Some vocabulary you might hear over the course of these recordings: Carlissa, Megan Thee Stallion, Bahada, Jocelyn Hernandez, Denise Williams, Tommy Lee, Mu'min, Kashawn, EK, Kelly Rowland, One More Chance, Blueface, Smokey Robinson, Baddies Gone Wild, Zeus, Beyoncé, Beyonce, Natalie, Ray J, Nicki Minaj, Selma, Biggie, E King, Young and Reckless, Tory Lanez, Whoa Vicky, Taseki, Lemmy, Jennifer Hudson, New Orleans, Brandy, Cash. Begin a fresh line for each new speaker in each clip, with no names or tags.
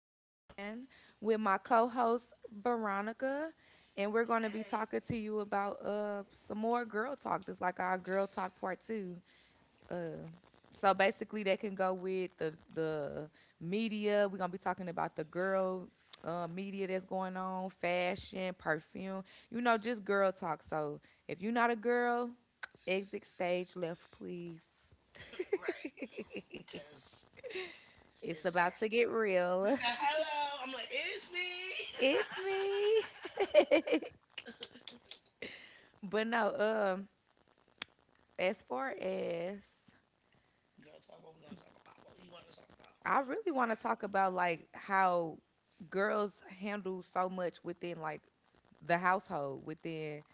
Joanne, with my co host, Veronica, and we're going to be
hey,
talking to you about some more girl talk. This like our girl talk part two. Uh, so basically, they can go with the media. We're going to be talking about the girl media that's going on, fashion, perfume, you know, just girl talk. So if you're not a girl, exit stage left, please.
right?" Because
It's
it's
about
time.
to get real.
He said, "Hello." I'm like, "It's me."
It's me. but no, as far as
Girl, talk what we gonna talk about. What do you want to talk about?
I really want
Like
to talk about like how girls handle so much within like the household, within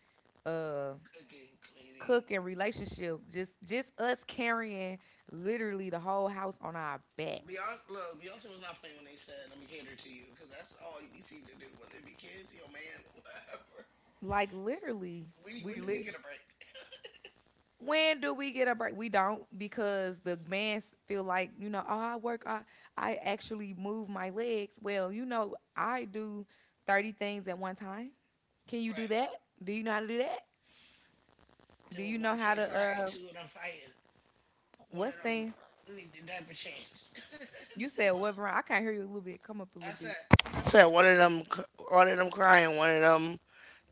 uh
cooking, cleaning.
cook and relationship, just us carrying literally the whole house on our back.
Beyonce, look, Beyonce was not playing when they said, "Let me cater to you," because that's all you seem to do, whether it be kids, your man, whatever.
Like literally,
When,
we
when do we
lit
get a break?
when do we get a break? We don't because the man feel like you know, oh, I work, I actually move my legs. Well, you know, I do 30 things at one time. Can you do that?
Right.
Do you know how to do that?
There
Do
was
you know
one
how to
kid crying, two of them fighting, one
what's
of
thing?
them need the diaper change.
You
It's too
said
much.
what Veron- I can't hear you a little bit. Come up a
I
little
said,
bit.
I said one of them crying, one of them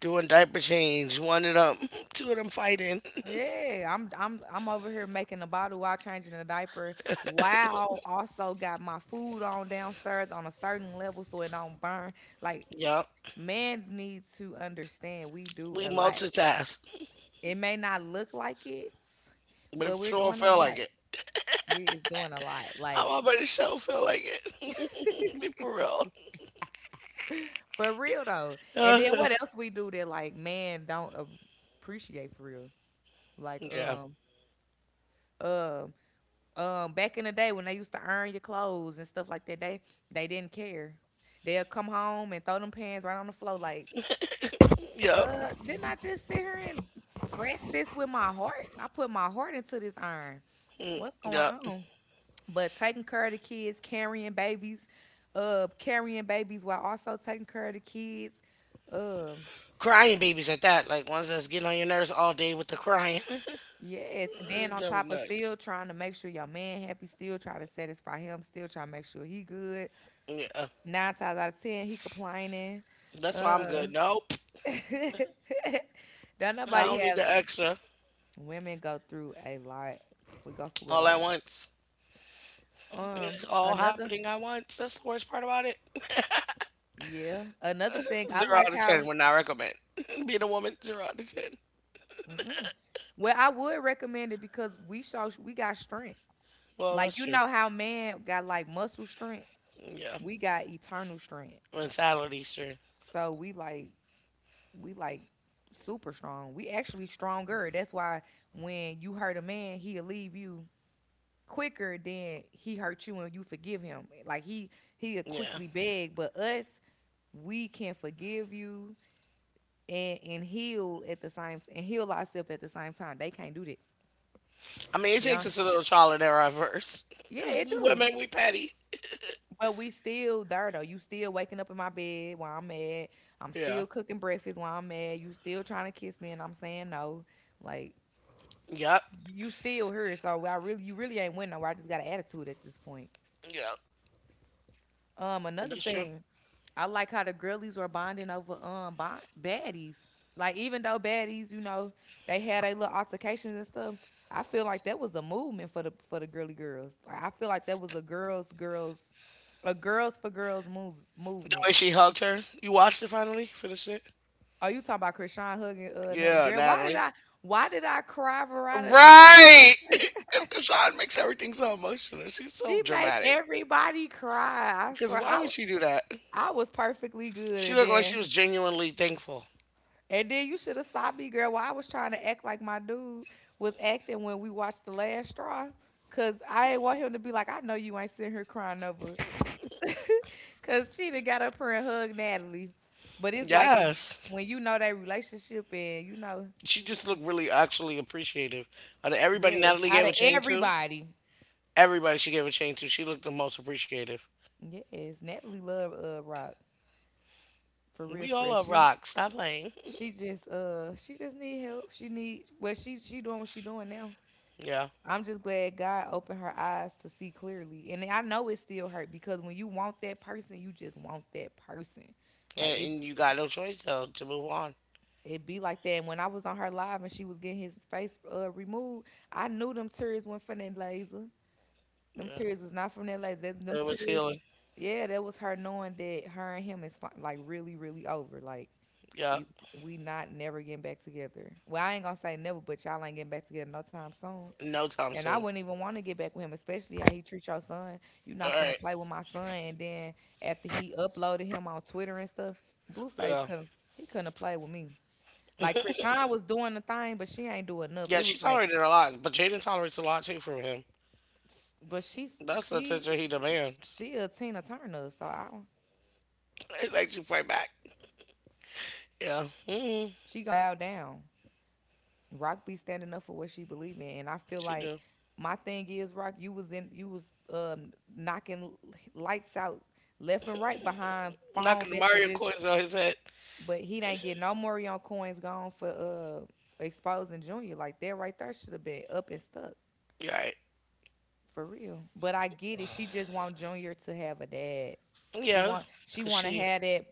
doing diaper change, one of them, two of them fighting.
Yeah, I'm over here making a bottle while changing a diaper. Wow, also got my food on downstairs on a certain level so it don't burn. Like
Yup,
man needs to understand we do
we
a lot.
multitask,
It may not look like it,
but it
but we're
sure
doing a
feel like
lot.
it.
We is doing a lot. Like
How about the show feel like it? Be for real.
for real though. And
Uh,
then what else we do that like man don't appreciate for real? Like
yeah.
um um back in the day when they used to iron your clothes and stuff like that, they didn't care. They'll come home and throw them pants right on the floor like,
Yup.
didn't I just sit here and press this with my heart? I put my heart into this iron. What's going
Yup.
on? But taking care of the kids, carrying babies while also taking care of the kids. Um,
Crying babies at that, like ones that's getting on your nerves all day with the crying.
yes. Then
It's
on
driving me
top of still
nuts.
trying to make sure your man happy, still trying to satisfy him, still trying to make sure he good.
Yeah.
Nine times out of ten, he complaining.
That's why I'm
Uh,
good. Nope.
don't
I
nobody
don't need
have
the extra
women go through a lot. We go through a
all
lot.
at once.
Um,
It's all
another
happening at once. That's the worst part about it.
yeah, another thing I
Zero
like
out of ten
how.
would not recommend. Being a woman, zero out of ten.
Mm-mm. Well, I would recommend it because we show we got strength.
Well,
Like
that's
you
true.
know how man got like muscle strength,
Yeah.
we got eternal strength.
Mentality, sure.
So we like super strong. We actually stronger. That's why when you hurt a man, he'll leave you quicker than he hurt you and you forgive him. Like he'll
Yeah.
quickly beg, but us we can forgive you and heal ourselves at the same time. They can't do that.
I mean, it
Yeah.
takes us a little trial and error at first.
Yeah,
Because
it
we
do.
women, we petty.
Well, we still there though. You still waking up in my bed while I'm mad. I'm
Yeah.
still cooking breakfast while I'm mad. You still trying to kiss me and I'm saying no. Like
Yep.
you still here. So I really you really ain't winning nowhere. I just got an attitude at this point.
Yep.
Another
That's true.
thing, I like how the girlies were bonding over baddies. Like even though baddies, you know, they had their little altercations and stuff. I feel like that was a movement for the girly girls. Like I feel like that was a girls for girls move
The
movement.
way she hugged her. You watched it finally? Finished it?
Oh, you talking about Krishan hugging Nat
Yeah,
girl. Why did
Natalie.
I why did I cry, Veronica?
Right! Because Kashawn makes everything so emotional. She's so
She make
dramatic.
everybody cry. I
Because
swear
why would she do that?
I was perfectly good
She
and
looked like she
then
was genuinely thankful.
you should have saw me, girl, while I was trying to act like my dude was acting when we watched The Last Straw. Cause I ain't want him to be like, I know you ain't sitting here crying over. Cause she done got up here and hugged Natalie. But it's like if,
Yes.
when you know that relationship and you know,
She just looked really actually appreciative. Out of everybody
yes,
Natalie
out
gave a
of
chain to,
everybody.
everybody she gave a chain to, she looked the most appreciative.
Yes, Natalie love rock for real
We all
fresh.
love
She
rock. Stop playing.
she just uh she just need help. She need well she doing what she doing now.
yeah.
I'm just glad God opened her eyes to see clearly. And I know it still hurt because when you want that person, you just want that person. Like
And, and you got no choice, though, to move on.
it be like that. And when I was on her live and she was getting his face removed, I knew them tears went from that laser. Them
Yeah.
tears was not from that laser. That- Them
It was
tears
healing.
yeah, that was her knowing that her and him is like really, really over. Like
Yeah.
is we not never getting back together. Well, I ain't gonna say never, but y'all ain't getting back together no time soon.
No time
And I
soon.
wouldn't even want to get back with him, especially how he treat your son. You
All
not finna
right.
play with my son. And then after he uploaded him on Twitter and stuff, Blueface
Yeah.
couldn't he couldn't play with me. Like Krishan was doing the thing, but she ain't doing enough.
Yeah,
It
she
was like,
tolerated a lot, but Jaden tolerates a lot, too, from him.
but
That's the
she
attention he demands.
she a Tina Turner, so I
It makes you
mean
fight
she
back.
not gonna stand up like Rocky is.
Yeah.
She
Hmm.
gonna bow down. Rock be standing up for what she believe in, and I feel
She
like
do.
my thing is Rock, you was knocking lights out left and right behind
Knocking
phone
the Mario
messages,
coins on his head.
but he ain't get no more coins gone for exposing Junior like that right there should have been up and stuck
You all right.
for real. But I get it. She just want Junior to have a dad. She
Yeah,
want she
cause
want to
she,
have that.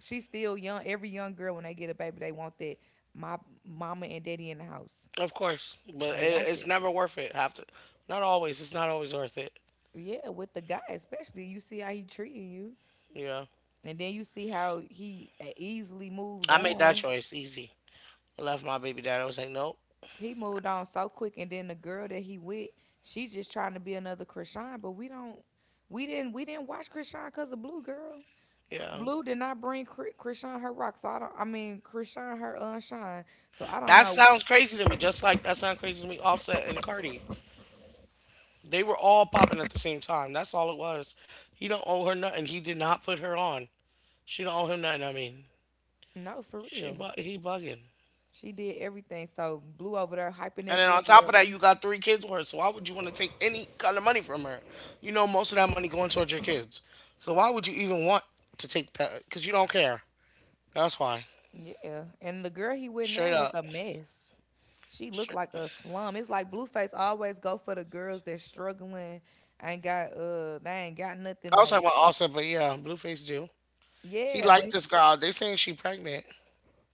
She's still young. Every young girl when they get a baby, they want that. My mama and daddy in the house.
of course, but
They
it,
want
it's
that.
never worth it. Have to, not always. It's not always worth it.
Yeah, with the guy especially, you see how he treating you,
Yeah,
and then you see how he easily moves
I made that
on.
choice easy. I left my baby dad. I was like, nope.
He moved on so quick, and then the girl that he with, she just trying to be another Krishan. But we didn't watch Krishan cause of Blue girl.
Yeah,
Blue did not bring Krishan her rock, so I don't. I mean, Krishan her unshine. So I don't
that
know.
sounds crazy to me. Just like that sounds crazy to me. Offset and Cardi, they were all popping at the same time. That's all it was. He don't owe her nothing. He did not put her on. She don't owe him nothing. I mean,
No, for real,
he bugging.
she did everything. So Blue over there hyping
And
that
then on
girl.
top of that, you got three kids with her. So why would you want to take any kind of money from her? You know, most of that money going towards your kids. So why would you even want to take that? Because you don't care. That's why.
Yeah, and the girl he with now
Straight
look
up.
a mess. She look
Straight.
like a slum. It's like Blueface always go for the girls that's struggling, ain't got they ain't got nothing.
I was
Like
talking about Offset, but yeah, Blueface do. He
yeah,
liked this girl. They saying she pregnant.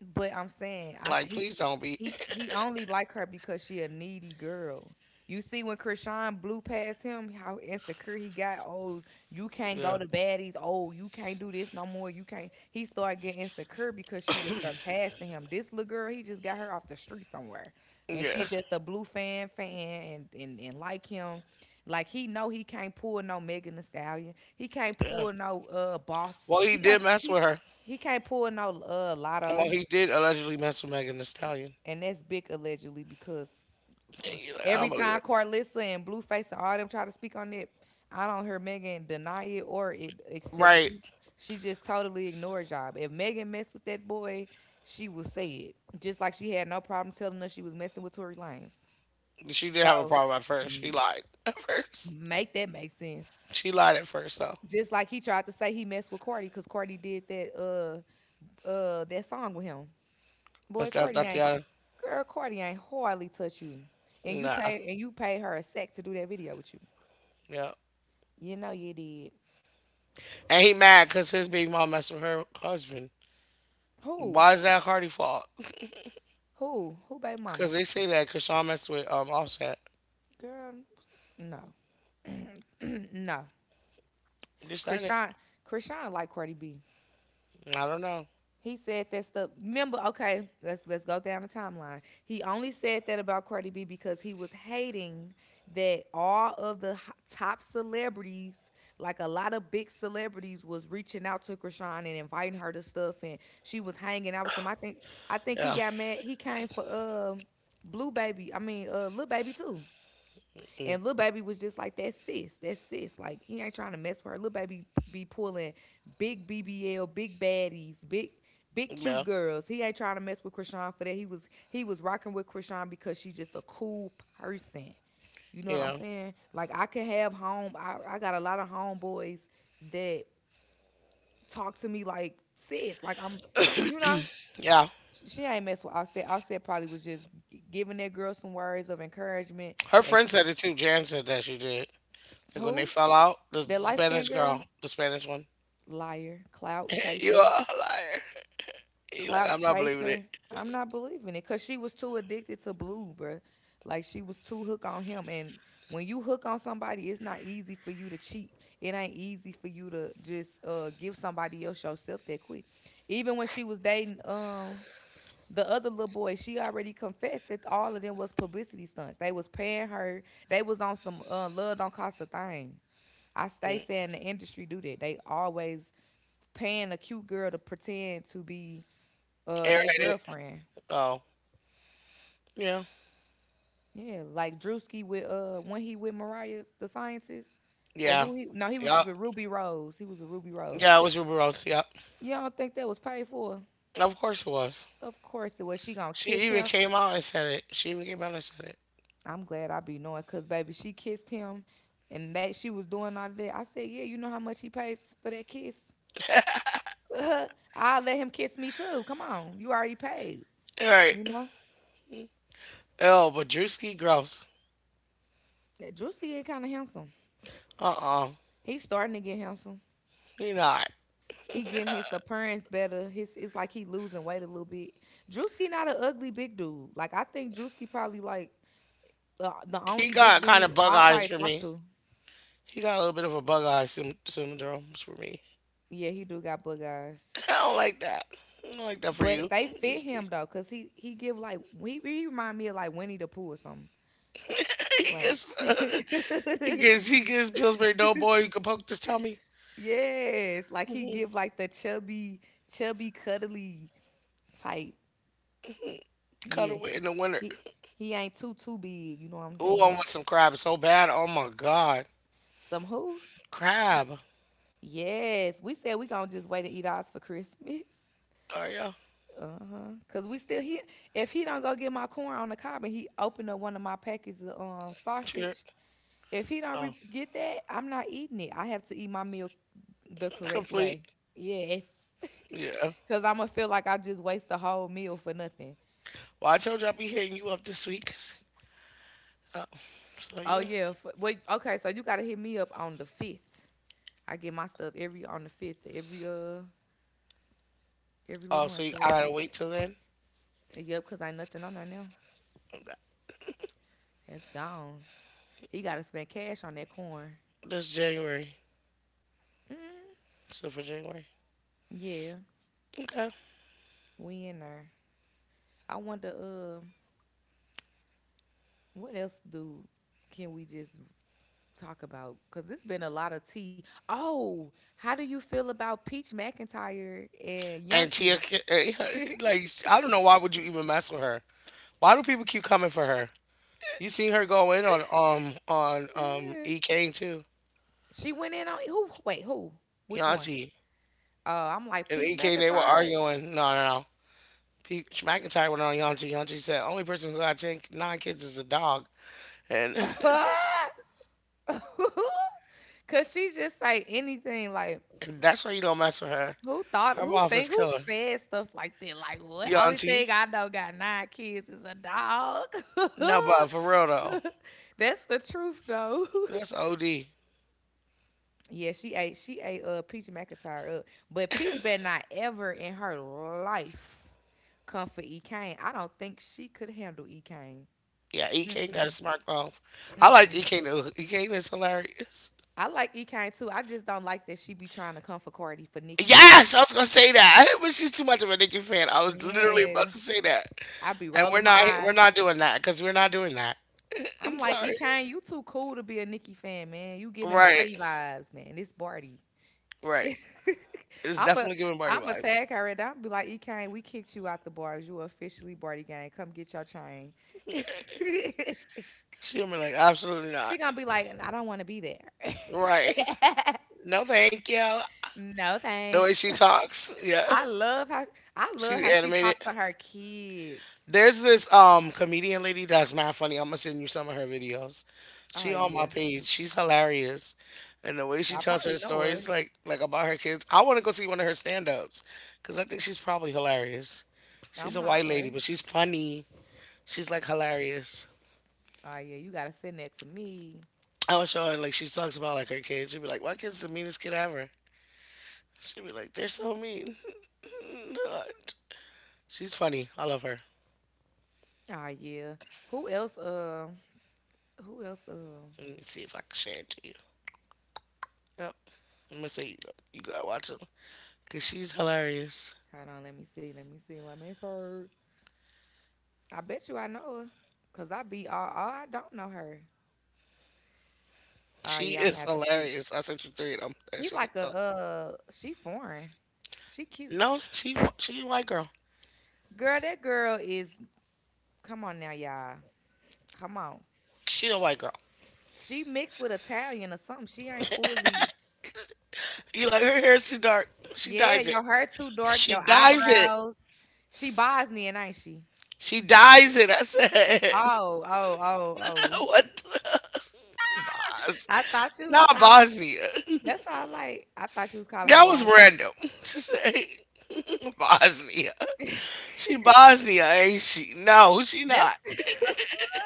but I'm saying, I
Like, please don't be.
he only like her because she a needy girl. You see when Krishan blew past him, how insecure he got. Oh, you can't go
Yeah.
to baddies. Oh, you can't do this no more. You can't. He started getting insecure because she was surpassing him. This little girl, he just got her off the street somewhere, and she
Yeah.
just a blue fan and like him. Like he know he can't pull no Megan Thee Stallion. He can't
Yeah.
pull no boss.
Well, he did mess with her.
He can't pull no
Well,
lotto.
he did allegedly mess with Megan Thee Stallion.
And that's big allegedly because
Yeah, you like, I
every
don't believe
time
it.
Carlissa and Blueface and all them try to speak on it, I don't hear Megan deny it or it accept it.
Right.
She just totally ignores y'all. If Megan messed with that boy, she will say it. Just like she had no problem telling us she was messing with Tory Lanez.
She did have a
So
problem at first. She
mm,
lied at first.
make that make sense.
She lied at first though,
Just like he tried to say he messed with Cardi because Cardi did that that song with him. Boy,
but that's
Courtney
not the
ain't
other.
girl. Courtney ain't hardly touch you, and
Nah,
you pay her a sec to do that video with you.
yeah.
You know you did.
And he mad because his baby mom messed with her husband.
Who?
Why is that Cardi fault?
Who? Who? Baby mama?
Because they say that because Sean messed with Offset.
Girl, no, no.
They said it.
Krishan, Krishan like Cardi B.
I don't know.
He said that stuff. Remember, okay, let's go down the timeline. He only said that about Cardi B because he was hating that all of the top celebrities, like a lot of big celebrities, was reaching out to Krishan and inviting her to stuff, and she was hanging out with them. I think he
Yeah,
got mad. He came for Blue Baby. I mean, Lil Baby too. And little baby was just like that sis, that sis. Like he ain't trying to mess with her. Little baby be pulling big BBL, big baddies, big cute
yeah,
girls. He ain't trying to mess with Krishan for that. He was rocking with Krishan because she's just a cool person. You know what I'm
yeah,
saying? Like I could have home. I got a lot of homeboys that talk to me like sis. Like I'm, you know.
yeah.
She ain't mess with Offset. Offset probably was just giving that girl some words of encouragement.
Her
They
friend
took
said it too. Jan said that she did. Like when they
who?
fell out, the
That light
Spanish
skinned girl?
girl, the Spanish one.
Liar, clout
You
chaser,
are a liar. He like
clout
I'm not believing it.
chaser. I'm not believing it because she was too addicted to Blue, bruh. Like she was too hooked on him. And when you hook on somebody, it's not easy for you to cheat. It ain't easy for you to just give somebody else yourself that quick. Even when she was dating the other little boy, she already confessed that all of them was publicity stunts. They was paying her. They was on some love don't cost a thing. I stay
Mm.
saying the industry do that. They always paying a cute girl to pretend to be they
Airheaded.
girlfriend.
Oh, yeah,
Yeah, like Drewski with when he with Mariah the scientist or
yeah,
who he no he was with
yup.
Ruby Rose. He was with Ruby Rose.
Yeah, it was Ruby Rose. Yep.
You don't think that was paid for?
Of course it was.
Of course it was. She gonna
She
kiss
even
him.
came out and said it. She even came out and said it.
I'm glad I be knowing because baby she kissed him and that she was doing all of that. I said yeah you know how much he paid for that kiss. I'll let him kiss me too. Come on, you already paid.
All right.
You know.
Oh, but Drewski gross.
That Juicy get kind of handsome.
Uh.
He's starting to get handsome.
He not.
He getting his appearance better. His it's like he losing weight a little bit. Drewski not an ugly big dude. Like I think Drewski probably like the
He
only big
got kind of
dude
bug
I
eyes
probably
for
talk
me.
to.
He got a little bit of a syndrome for me.
Yeah, he do got bug eyes,
I don't like that. I don't like that for
but
you.
they fit him
Drewski.
though, cause he give like he remind me of like Winnie the Pooh or something.
he
Like
gets he gets he gets Pillsbury Doughboy. You can poke his tummy.
yes, like he give like the chubby cuddly type.
Cut
Yeah,
away in the winter.
he he ain't too too big. You know what I'm
Ooh, I
saying?
want some crab so bad. Oh my god.
Some who? C-
Crab.
Yes, we said we gonna just wait and eat ours for Christmas.
Oh yeah.
Uh huh. Cause we still he if he don't go get my corn on the cob and he open up one of my packets of
Sure.
sausage. If he don't
Oh.
get that, I'm not eating it. I have to eat my meal the correct
Complete.
way. Yes,
Yeah.
cause I'm gonna feel like I just waste the whole meal for nothing.
Well, I told you I'll be hitting you up this week. So,
Oh
you know.
yeah. F wait. Okay. So you gotta hit me up on the fifth. I get my stuff every on the fifth, every little
Oh, so
month
you,
or
I
whatever.
gotta wait till then?
Yep, cause ain't nothing on there now.
Okay.
That's gone. He gotta spend cash on that corn.
That's January.
Mm,
So, for January.
yeah,
Okay.
we in there. I wonder what else do can we just talk about? Cause it's been a lot of tea. Oh, how do you feel about Peach McIntyre and
And Tia,
Yanti?
ca- like, I don't know why would you even mess with her? Why do people keep coming for her? You seen her go in on on EK too,
She went in on who? Wait, who? Which one?
Yanti
I'm like
and
Peach
EK. They were
McIntyre.
arguing. No, no, no. Pe- McIntyre went on Yanti. Yanti said, "Only person who got ten, nine kids is a dog," and
Cause she just say anything like
that's why you don't mess with her.
who thought
Her
who
mouth is
think who
killer.
said stuff like that? Like what? Only
Yanti.
thing I know got nine kids is a dog.
No, but for real though,
That's the truth though.
that's OD.
Yeah, she ate Peach McIntyre up. But Peach better not ever in her life come for E. Kane. I don't think she could handle E. Kane.
Yeah, E King got a
Mm-mm.
smartphone. I like
Mm-mm.
E King though. E King is hilarious.
I like E. Kane too. I just don't like that she be trying to come for Cardi for Nikki. Like,
Yes, I was gonna say that, but she's too much of a Nicki fan. I was literally about
yeah.
to say that,
I be
and we're
rolling my
not we're
eyes.
not doing that because we're not doing that. I'm
I'm like, E
sorry.
Kane, you too cool to be a Nicki fan, man. You giving
Right,
Barty vibes, man. It's Barty.
right. It's
I'm a
definitely giving party
I'm a
vibes.
tag her and I'll be like, E Kane, we kicked you out the bars. You officially Barty gang. Come get your chain.
She'll be like, absolutely not.
She gonna be like, I don't want to be there.
Right. No, thank you.
No
The way
thanks.
she talks, yeah,
I love how I love
she's
how she
animated.
talks to her kids.
There's this comedian lady that's mad funny. I'm gonna send you some of her videos.
Oh
She on my
yeah,
page. She's hilarious. And the way she
I
tells her
probably know
stories,
her.
like about her kids, I want to go see one of her stand-ups because I think she's probably hilarious. She's
I'm
a white lady,
hollering.
but she's funny. She's like hilarious.
Oh yeah, you gotta send that to me.
I would show her like she talks about like her kids. She'd be like, "My kid's the meanest kid ever." She'd be like, "They're so mean." She's funny. I love her.
Oh yeah. Who else? Who else?
Let me see if I can share it to you. Yep. I'm gonna say you, you gotta watch them. Cause she's hilarious.
Hold on. Let me see her. I bet you I know her, cause I be all. All I don't know her. Oh
She
yeah, I'm gonna
is
have to see.
hilarious. I sent you three of them that
She
she
like a
posts.
She foreign. She cute.
No, she a white girl.
Girl, that girl is. Come on now, y'all. Come on.
She a white girl.
She mixed with Italian or something. She ain't fully.
You like her hair's too dark. She
Yeah,
dyes it.
your hair too dark.
She
Your
dyes it.
eyebrows. She Bosnian, ain't she?
She dyes it. I said
Oh, oh, oh, oh.
what the Bos.
I thought you was
Not Bosnia.
that's why I like I thought you was calling her
That was
Boston.
random to say Bosnia. She Bosnia, ain't she? No, she
That's
not.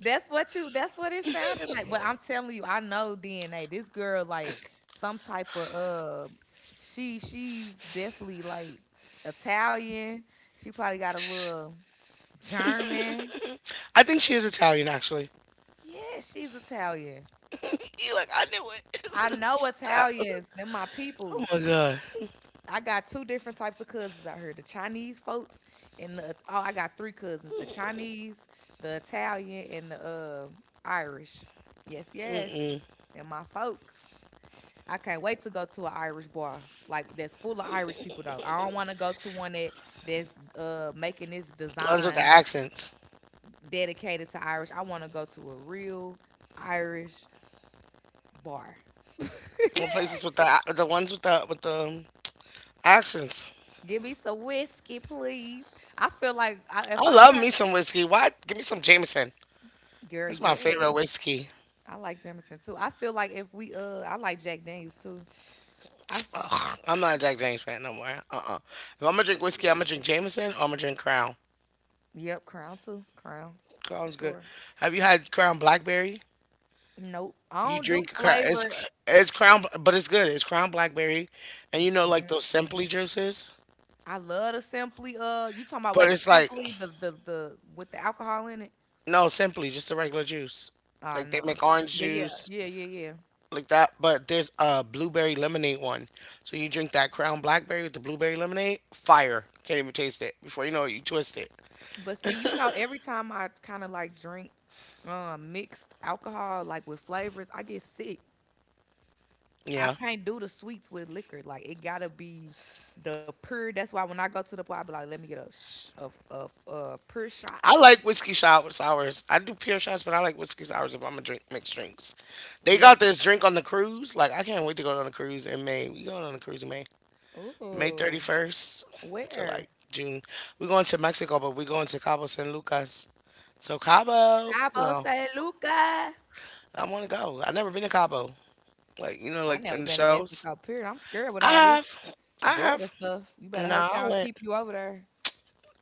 that's what you that's what it sounded like. But I'm telling you, I know DNA. This girl like some type of she's definitely like Italian. She probably got a little German.
I think she is Italian actually.
Yeah, she's Italian.
You like I knew
I
it.
know
Stop.
Italians. They're my
Oh my
peoples.
god.
I got two different types of cousins out here: the Chinese folks and the oh, I got three cousins: the Chinese, the Italian, and the Irish. Yes, yes, and my folks. I can't wait to go to an Irish bar like that's full of Irish people though. I don't want to go to one that that's making its
The ones with the
designs
accents.
dedicated to Irish. I want to go to a real Irish bar.
The places with the ones with the accents.
Give me some whiskey, please. I feel like I,
I
if I
love
turn
me some whiskey. What? Give me some Jameson.
girl,
That's my favorite
yes.
whiskey.
I like Jameson too. I feel like if we I like Jack Daniels too. I f-
Ugh, I'm not a Jack Daniels fan no more. Uh-uh. If I'm gonna drink whiskey,
Yeah.
I'm gonna drink Jameson or I'm gonna drink Crown.
Yep, Crown too. Crown for
Crown's good.
sure.
Have you had Crown Blackberry?
Nope. I
You
don't do
drink Crown. It's
flavor.
it's Crown, but it's good. It's Crown Blackberry, and you know like
Mm-mm.
those Simply juices.
I love the Simply you talking about
But
wait,
it's like
Simply the the with the alcohol in it?
no Simply, just the regular juice.
Ah,
Like they
nah.
make orange
But yeah,
juice,
yeah, yeah, yeah.
like that. But there's a blueberry lemonade one. So you drink that Crown Blackberry with the blueberry lemonade. Fire. Can't even taste it. Before you know it, you twist it.
But see, you know, every time I kind of like drink mixed alcohol like with flavors, I get sick. I
Yeah.
can't do the sweets with liquor. Like it gotta be the pure. That's why when I go to the bar, I be like, let me get a a pure shot.
I like whiskey shower sours. I do pure shots, but I like whiskey sours if I'm gonna drink mixed drinks. They
Yep.
got this drink on the cruise. Like I can't wait to go on a cruise in May. We going on a cruise in May. May
Ooh.
31st to like
Where?
June. We going to Mexico, but we going to Cabo San Lucas. So Cabo, you
Cabo
know,
San Luca.
I want to go. I never been to Cabo. Like, you know,
I
like
never
in the
been to
shows.
Mexico. Period. I'm scared with
I
all this
have. I
border
have.
stuff. You better hope
No,
they
I
don't
went.
keep you over there.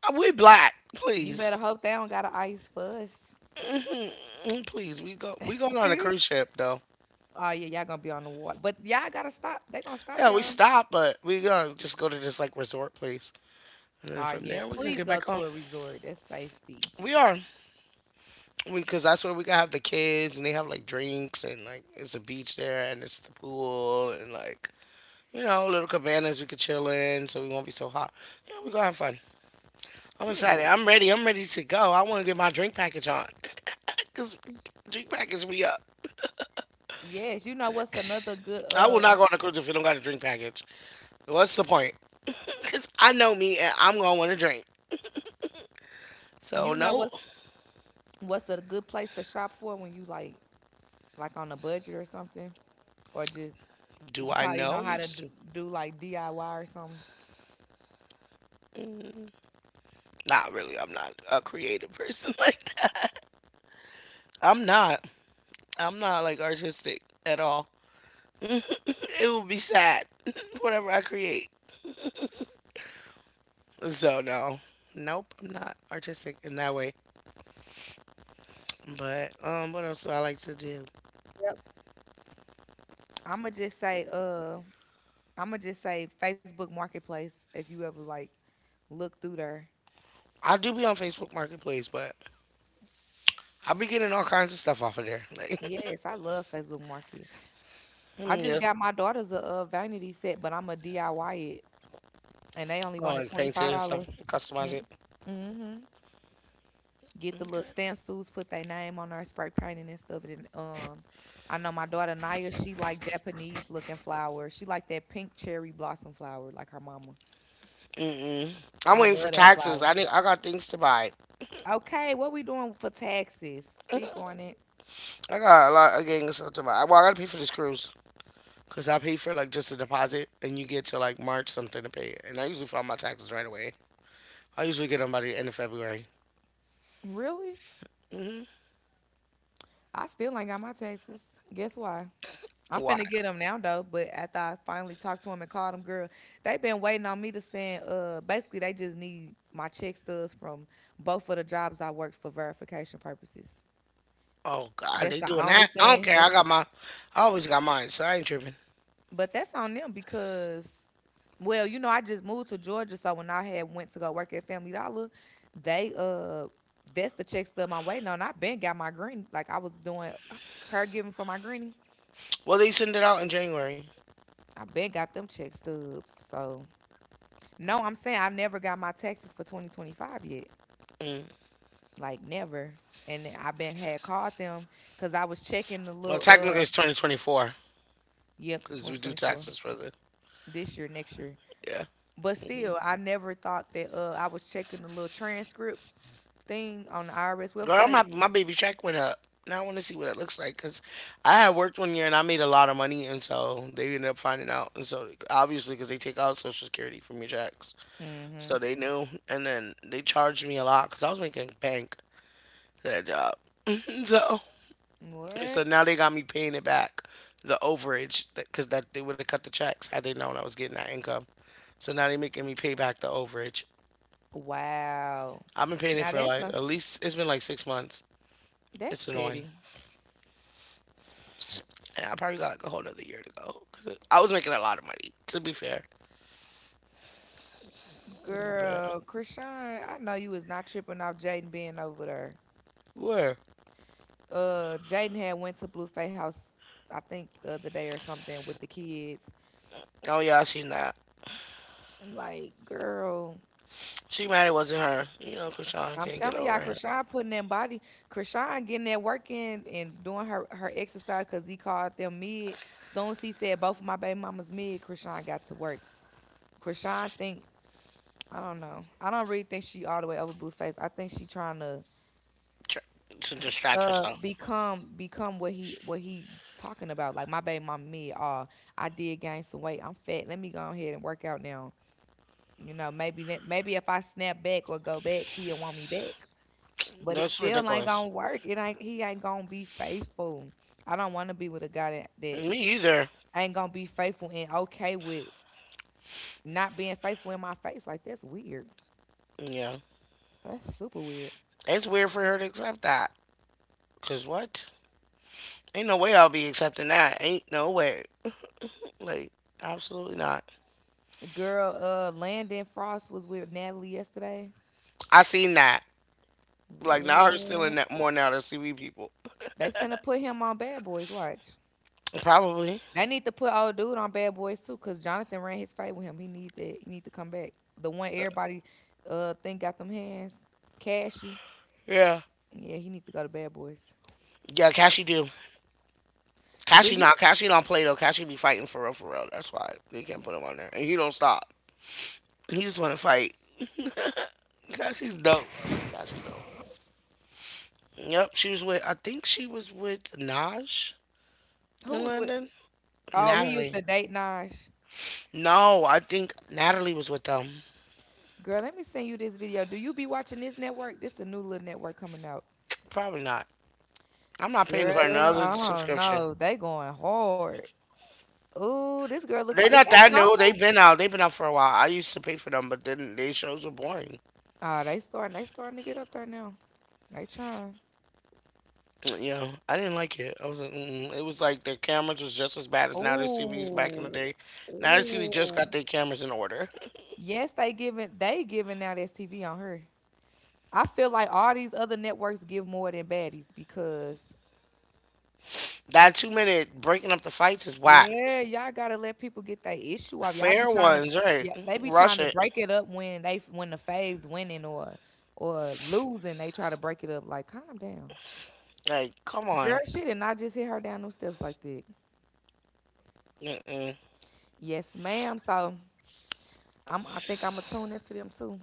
We black,
You
please.
better hope they don't got an ice for us.
Mm, please, we go. We going on a
Oh
cruise ship though.
yeah, y'all gonna be on the water, but y'all gotta stop. They gonna stop
Yeah, we
y'all.
stop, but we gonna just go to this like resort place, and then
Oh
from
yeah,
there we can
please
get
go
back
to
on.
a resort. That's safety.
We are, because that's where we can have the kids, and they have like drinks, and like it's a beach there, and it's the pool, and like you know little cabanas we could chill in, so we won't be so hot. Yeah, we gonna have fun. I'm excited.
Period.
I'm ready. I'm ready to go. I want to get my drink package on, cause drink package we up.
Yes, you know what's another good
I will not go on a cruise if you don't got a drink package. What's the point? Because I know me and I'm going to want to drink. So,
you know
no.
what's what's a good place to shop for when you like on a budget or something or just
Do
you
I
probably
know?
know how
You
to
just,
do like DIY or something.
not really. I'm not a creative person like that. I'm not. I'm not like artistic at all. It will be sad, whatever I create. So, no. Nope, I'm not artistic in that way. But what else do I like to do?
Yep. I'ma just say, uh, I'ma just say Facebook Marketplace. If you ever like look through there,
I do be on Facebook Marketplace, but I be getting all kinds of stuff off of there. Like,
yes, I love Facebook Market. I
yeah.
just got my daughters a, vanity set, but I'ma DIY it, and they only
Oh,
wanted
like
twenty five
painting and stuff,
dollars.
customize
Mm,
it.
mm-hmm. Get the
Okay.
little stencils, put their name on there, spray painting and stuff. And then, I know my daughter Naya, she like Japanese looking flowers. She like that pink cherry blossom flower, like her mama.
Mm-mm. I'm
I
waiting for
love that
taxes.
flower.
I need. I got things to buy.
Okay, what we doing for taxes? Speak on it.
I got a lot of gang stuff to buy. Well, I gotta pay for this cruise because I paid for like just a deposit, and you get to like March something to pay it. And I usually file my taxes right away. I usually get them by the end of February.
Really? I still ain't got my taxes. Guess why? I'm
Why?
finna get them now though. But after I finally talked to him and called him, girl, they been waiting on me to send. Basically, they just need my check stubs from both of the jobs I worked for verification purposes.
Oh God,
That's
they
the
doing
only
that? I don't
thing.
care. I
That's
got my. I always got mine, so I ain't tripping.
but that's on them because, well, you know, I just moved to Georgia, so when I had went to go work at Family Dollar, they that's the check stub I'm waiting on. I been got my green, like I was doing caregiving for my granny.
Well, they send it out in January.
I been got them check stubs. So no, I'm saying I never got my taxes for 2025 yet,
Mm.
like never. And I been had called them because I was checking the
Well,
little
technically it's 2024
yep, the
because we do
2024
taxes for the,
this year, next year.
yeah.
But still, I never thought that I was checking the little transcript thing on the IRS
Girl, my
website?
my baby check went up. Now I want to see what it looks like because I had worked one year and I made a lot of money, and so they ended up finding out. And so obviously, because they take out Social Security from your checks,
Mm-hmm.
so they knew, and then they charged me a lot because I was making bank that job. so so
What?
now they got me paying it back, the overage, because that they would have cut the checks had they known I was getting that income. So now they making me pay back the overage.
Wow.
I've been paying it
Now
for
that's
like
a
at least it's been like 6 months.
that's
It's annoying.
petty.
And I probably got like a whole other year to go. Cause I was making a lot of money, to be fair. But
Girl, Krishan, I know you was not tripping off Jaden being over there.
where?
Jaden had went to Blueface house, I think the other day or something with the kids.
Oh yeah, I seen that.
Like, girl,
She mad it wasn't her. You know, cause Sean
I'm
can't get
telling y'all,
over him.
Krishan putting that body, Krishan getting that work in and doing her, her exercise because he called them mid. Soon as he said both of my baby mamas mid, Krishan got to work. Krishan think I don't know. I don't really think she all the way over Blueface. I think she trying to
Tr- to distract herself.
become what he talking about. Like my baby mama me, I did gain some weight. I'm fat. Let me go ahead and work out now. You know, maybe if I snap back or go back, he'll want me back. But it
That's
still ain't
ridiculous.
gonna work. It ain't he ain't gonna be faithful. I don't wanna be with a guy that
Me either.
ain't gonna be faithful and okay with not being faithful in my face. Like that's weird.
Yeah,
That's super weird.
it's weird for her to accept that. Cause what? Ain't no way I'll be accepting that. Ain't no way. Like absolutely not.
Girl, Landon Frost was with Natalie yesterday.
I seen that. Like now her stealing
What?
that more now than CB people.
They finna put him on Bad Boys. Watch.
Probably.
They need to put old dude on Bad Boys too, cause Jonathan ran his fight with him. He need that. He need to come back. The one everybody, think got them hands. Cashy.
Yeah.
Yeah, he need to go to Bad Boys.
Yeah, Cashy do.
Do you?
Cashy don't play though. Cashy be fighting for real for real. That's why they can't put him on there. And he don't stop. He just wanna fight. Cashy's dope. Cashy's dope. Yep, she was with I think she was with Naj
Who
in
was with?
London.
Oh, he used
Natalie.
to date Naj.
No, I think Natalie was with them.
Girl, let me send you this video. Do you be watching this network? This a new little network coming out.
Probably not. I'm not paying
Girl,
for another
I don't
subscription.
know. They going hard. Oh, this girl look like,
They're
is
not
that
that new.
Selma?
They've been out. They've been out for a while. I used to pay for them, but then their shows were boring.
Oh, they starting to get up there now. They trying.
Yeah, I didn't like it. I was like, it was like their cameras was just as bad as now their CVs back in the
Oh,
day. Now their CV just
oh,
got their cameras in order.
yes, they giving now. That's TV on her. I feel like all these other networks give more than baddies because
That 2-minute breaking up the fights is whack.
yeah, y'all gotta let people get their issue off. Y'all be
Fair
trying to
ones, right?
yeah, they be
Rush
trying to
it.
break it up when they when the faves winning or losing, they try to break it up like calm down.
Like, come
Girl,
on.
she did not just hit her down no steps like that.
Mm-mm.
Yes, ma'am. So I think I'm gonna tune into them too.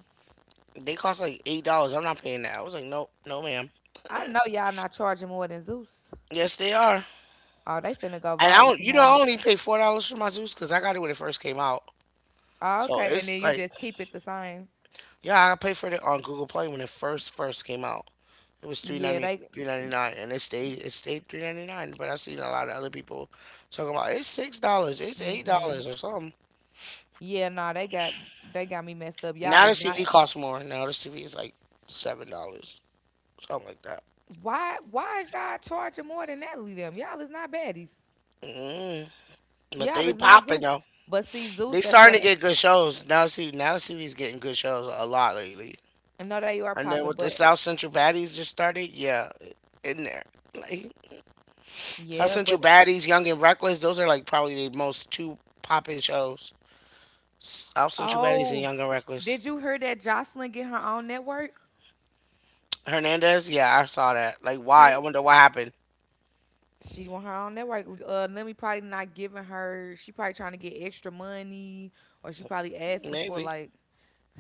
They cost like $8. I'm not paying that. I was like, nope, no, ma'am.
I know y'all not charging more than Zeus.
Yes, they are. And
Oh, they finna go
I
viral
don't, you know, I
tomorrow.
only paid $4 for my Zeus because I got it when it first came out.
Oh,
So
okay, and
it's
then you
like,
just keep it the same.
yeah, I paid for it on Google Play when it first came out. It was
Yeah, they.
three ninety nine, and it stayed 3.99. But I seen a lot of other people talk about it's $6, it's eight
Mm-mm.
dollars or something.
Yeah, no, they got me messed up. Y'all
Now
is
this
not.
TV costs more. Now this TV is like $7, something like that.
Why is y'all charging more than Natalie them? Y'all is not baddies.
mm But
Y'all
they
is not
popping
Zeus.
though.
But see, Zeus,
They
that's what
starting to get good shows now. See, now the TV's getting good shows a lot lately.
I know they are
And then
popping.
with the
But
South Central Baddies just started, yeah, in there. Like South
yeah,
Central
but
Baddies, Young and Reckless, those are like probably the most two popping shows. Out Sensuality's in
oh,
Young and Reckless.
did you hear that Jocelyn get her own network?
Hernandez, yeah, I saw that. Like,
How?
why? I wonder what happened.
She want her own network. Lemmy probably not giving her. She probably trying to get extra money, or she probably asking for
Maybe.
like.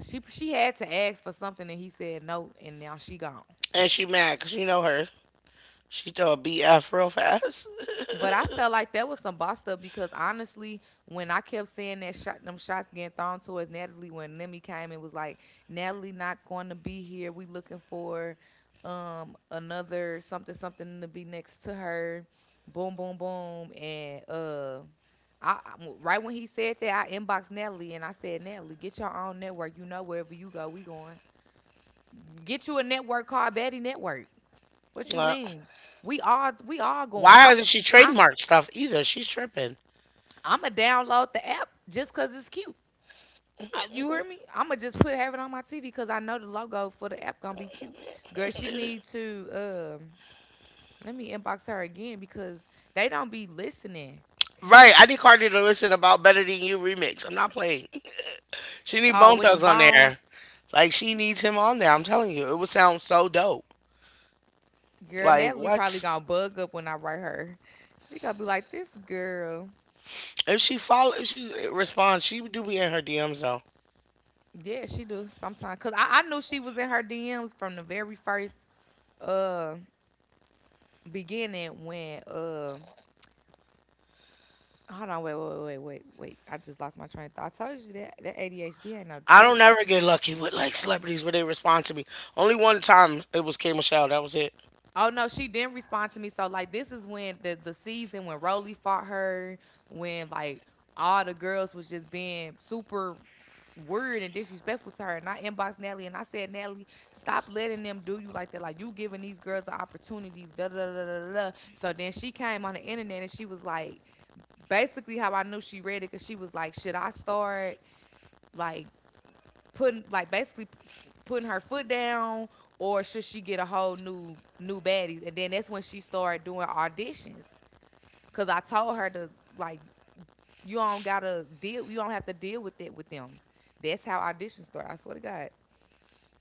She had to ask for something and he said no, and now she gone.
And she mad because you know her. She throw a BF real fast.
But I felt like that was some boss stuff because honestly, when I kept saying that shot, them shots getting thrown towards Natalie, when Lemmy came and was like, "Natalie not going to be here. We looking for another something something to be next to her." Boom, boom, boom, and right when he said that, I inboxed Natalie and I said, "Natalie, get your own network. You know wherever you go, we going. Get you a network called Betty Network. What you
Uh,
mean? We all going.
why hasn't she
I
trademarked stuff either? She's tripping.
I'ma download the app just cause it's cute. You hear me? I'ma just put have it on my TV because I know the logo for the app gonna be cute. Girl, she needs to let me inbox her again because they don't be listening.
Right, I need Cardi to listen about Better Than You remix. I'm not playing. She need Bone
With the
Thugs on there.
bones.
Like she needs him on there. I'm telling you, it would sound so dope.
Girl,
Like
Natalie probably
what?
gonna bug up when I write her. She gonna be like, this girl.
If she responds, she do be in her DMs though.
Yeah, she do sometimes. Cause I knew she was in her DMs from the very first uh beginning when hold on, wait, wait, wait, wait, wait. I just lost my train of thought. I told you that ADHD ain't no
I don't
joke.
ever get lucky with like celebrities where they respond to me. Only one time it was K Michelle. That was it.
Oh no, she didn't respond to me. So like this is when the season when Roly fought her, when like all the girls was just being super weird and disrespectful to her. And I inboxed Natalie and I said, "Natalie, stop letting them do you like that. Like you giving these girls an opportunity. Da, da, da, da, da, da." So then she came on the internet and she was like, basically how I knew she read it because she was like, should I start like putting like basically putting her foot down or should she get a whole new baddies, and then that's when she started doing auditions because I told her to, like, you don't gotta deal, you don't have to deal with it with them. That's how auditions start. I swear to God.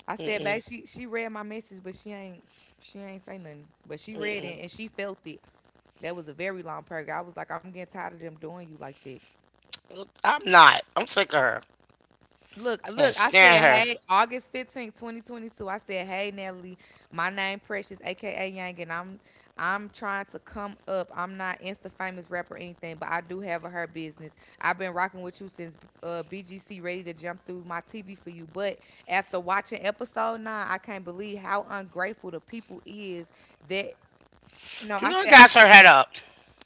I said, babe,
Mm-mm.
she read my message but she ain't, she ain't say nothing, but she read it and she felt it. That was a very long paragraph. I was like, I'm getting tired of them doing you like that.
I'm not. I'm sick of her.
Look,
Can't
look, I
stand
said,
her.
hey, August 15th, 2022. I said, hey, Natalie, my name Precious, aka Yang, and I'm trying to come up. I'm not insta famous rapper or anything, but I do have a her business. I've been rocking with you since BGC, ready to jump through my TV for you. But after watching episode nine, I can't believe how ungrateful the people is that no,
Do
I
not
said,
got her head up.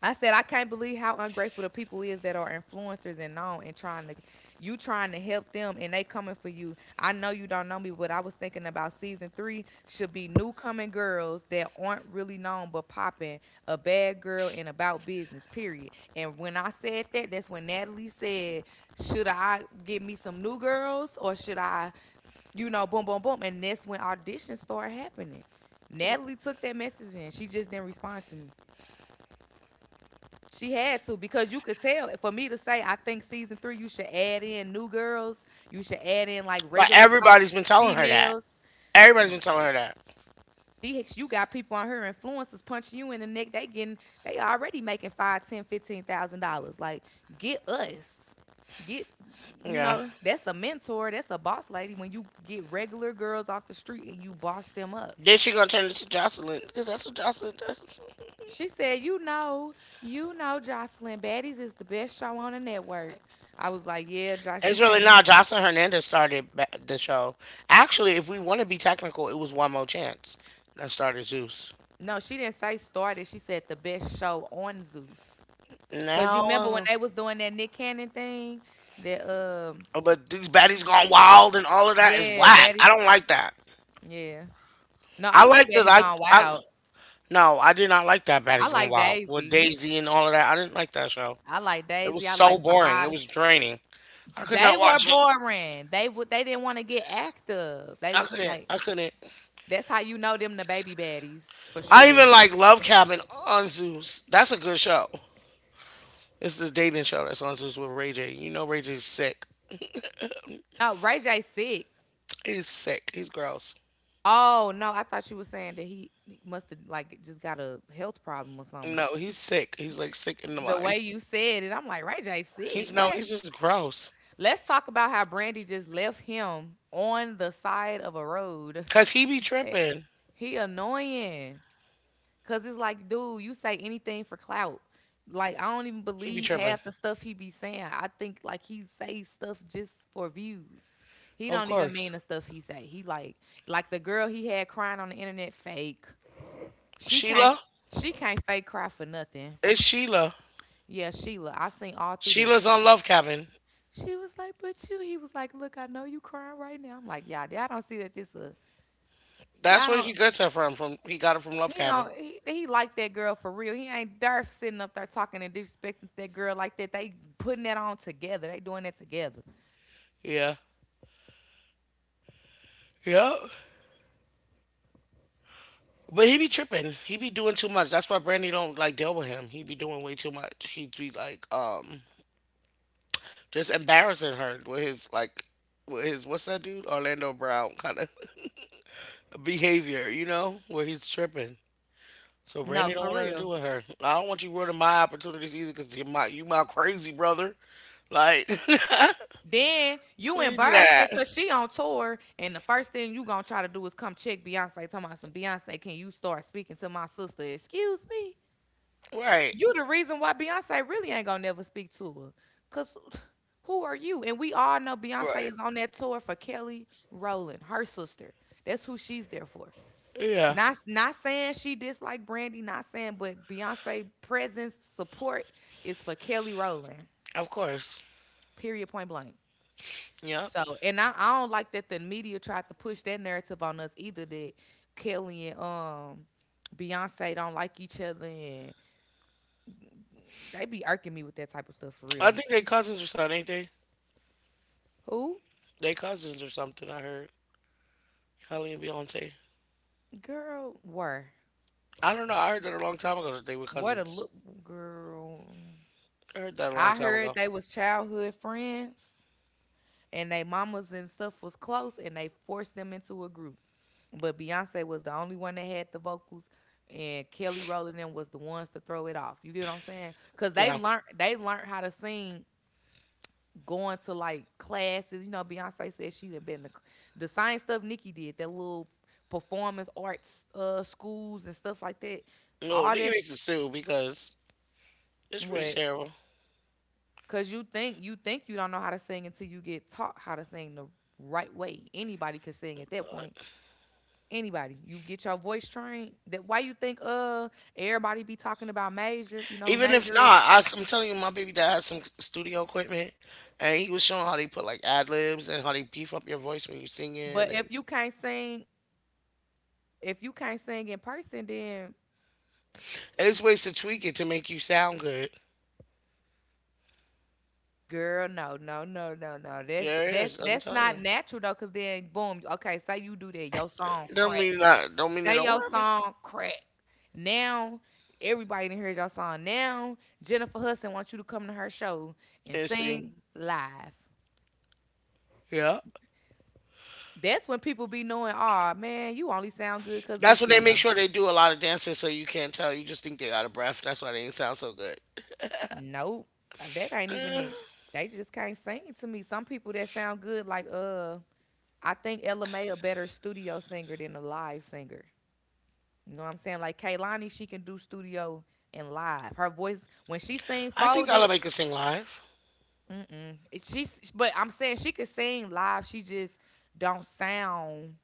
I said I can't believe how ungrateful the people is that are influencers and on and trying to you trying to help them and they coming for you. I know you don't know me, but I was thinking about season three should be new coming girls that aren't really known but popping a bad girl and about business. Period. And when I said that, that's when Natalie said, "Should I get me some new girls or should I, you know, boom, boom, boom?" And that's when auditions started happening. Natalie took that message in. She just didn't respond to me. She had to because you could tell. For me to say, I think season three, you should add in new girls. You should add in like
But
regular type
everybody's been telling her that.
females.
Everybody's been telling her that.
You got people on her influencers punching you in the neck. They getting, they already making five, ten, $15,000. Like, get us, get, you
Yeah.
know, that's a mentor, that's a boss lady. When you get regular girls off the street and you boss them up,
Then she gonna turn into Jocelyn because that's what Jocelyn does.
she said, you know, Jocelyn, Baddies is the best show on the network." I was like, "Yeah, Josh, you
It's really
can't."
not. Jocelyn Hernandez started the show. Actually, if we want to be technical, it was One More Chance that started Zeus.
No, she didn't say started. She said the best show on Zeus. Cause you
Now,
remember when
uh,
they was doing that Nick Cannon thing? That
But these baddies gone wild and all of that is
yeah,
whack.
baddies.
I don't like that.
Yeah. No, I
I
like
like that.
Baddies Gone
I
Wild.
no, I did not like that.
I
Baddies gone
like
wild with
Daisy.
Daisy and all of that. I didn't like that show.
I like
It was
Daisy. I like
so boring. It
Bahada.
was draining. I could not
They were
watch it.
boring. They would they didn't want to get active. They
I
was
couldn't.
like
I couldn't.
that's how you know them the baby baddies for
I
sure.
even like Love Cabin on Zeus. That's a good show. It's the dating show that's on Zeus with Ray J. You know Ray J's sick.
No, Ray J sick.
He's sick. He's gross.
Oh no, I thought you were saying that he, must have like just got a health problem or something.
No, he's sick. He's like sick in the
The way
mind.
you said it, I'm like, Ray J sick.
He's no.
What?
He's just gross.
Let's talk about how Brandy just left him on the side of a road.
Cause he be
Eh,
tripping.
he annoying. Cause it's like, dude, you say anything for clout. Like, I don't even
He be
believe
tripping.
half the stuff he be saying. I think like he say stuff just for views. He
Of
don't even mean
course.
the stuff he say. He like the girl he had crying on the internet fake. She can't
Sheila.
she can't fake cry for nothing.
It's Sheila.
Yeah, Sheila. I seen all through that.
Sheila's on Love Cabin.
She was like, but you. He was like, look, I know you crying right now. I'm like, y'all, I don't see that this a
That's
y'all
where he
don't.
gets her from. He got her from Love
He
Cabin.
don't. He like that girl for real. He ain't derf sitting up there talking and disrespecting that girl like that. They putting that on together. They doing that together.
Yeah. Yeah. But he be tripping. He be doing too much. That's why Brandy don't like deal with him. He be doing way too much. He be like just embarrassing her with his, like, with his what's that dude Orlando Brown kind of behavior. You know, where he's tripping. So
No,
Brandy don't
for
want nothing to do
real.
with her. I don't want you ruining my opportunities either because you my crazy brother. Like,
Then you
when they do that,
embarrassing because she on tour, and the first thing you gonna try to do is come check Beyonce. Talking about some Beyonce, can you start speaking to my sister? Excuse me.
right?
You the reason why Beyonce really ain't gonna never speak to her. Cause who are you? And we all know Beyonce
Right.
is on that tour for Kelly Rowland, her sister. That's who she's there for.
Yeah.
Not saying she dislike Brandy, not saying, but Beyonce presence support is for Kelly Rowland.
Of course.
Period point blank.
Yeah.
So and I don't like that the media tried to push that narrative on us either that Kelly and Beyonce don't like each other and they be irking me with that type of stuff for
I
real.
think they cousins or something, ain't they?
Who?
They cousins or something. I heard Hailey and Beyonce.
Girl, where?
I don't know. I heard that a long time ago that they were
What a
cousins.
look, girl.
I heard that a long
I
time
heard
ago.
they was childhood friends and they mamas and stuff was close and they forced them into a group. But Beyonce was the only one that had the vocals and Kelly Rowland and them was the ones to throw it off. You get what I'm saying? Cause they
Yeah.
learned how to sing going to like classes. You know, Beyonce said she done been the science stuff Nikki did, that little performance arts schools and stuff like that.
No,
All
nigga
this
needs to sue because it's pretty
what?
terrible.
Cause you think you don't know how to sing until you get taught how to sing the right way. Anybody could sing at that
Uh,
point. Anybody. You get your voice trained. That why you think everybody be talking about major. You know who
Even if
major
not,
is?
I am telling you, my baby dad has some studio equipment, and he was showing how they put like ad libs and how they beef up your voice when you're singing,
But
and
if you can't sing, if you can't sing in person, then
it's ways to tweak it to make you sound good.
girl, no, no, no, no, no. That's
There is.
that's
I'm
that's
telling
not
you.
natural though, cause then boom, okay, say you do that, your song
Don't
crack.
mean not. Don't mean it
Say
don't
your
happen.
song crack. Now everybody done heard your song. Now Jennifer Hudson wants you to come to her show and
And see,
sing live.
yeah,
That's when people be knowing, oh man, you only sound good because of the
that's what they make
studio.
sure they do a lot of dancing, so you can't tell. You just think they out of breath. That's why they did sound so good.
Nope. That ain't even it.
Eh,
They just can't sing to me. Some people that sound good, like I think Ella May a better studio singer than a live singer. You know what I'm saying? Like Kaylani, she can do studio and live. Her voice when she sing
I think
folded.
Ella Baker sing live.
Mm-mm. She's, but I'm saying she could sing live. She just don't sound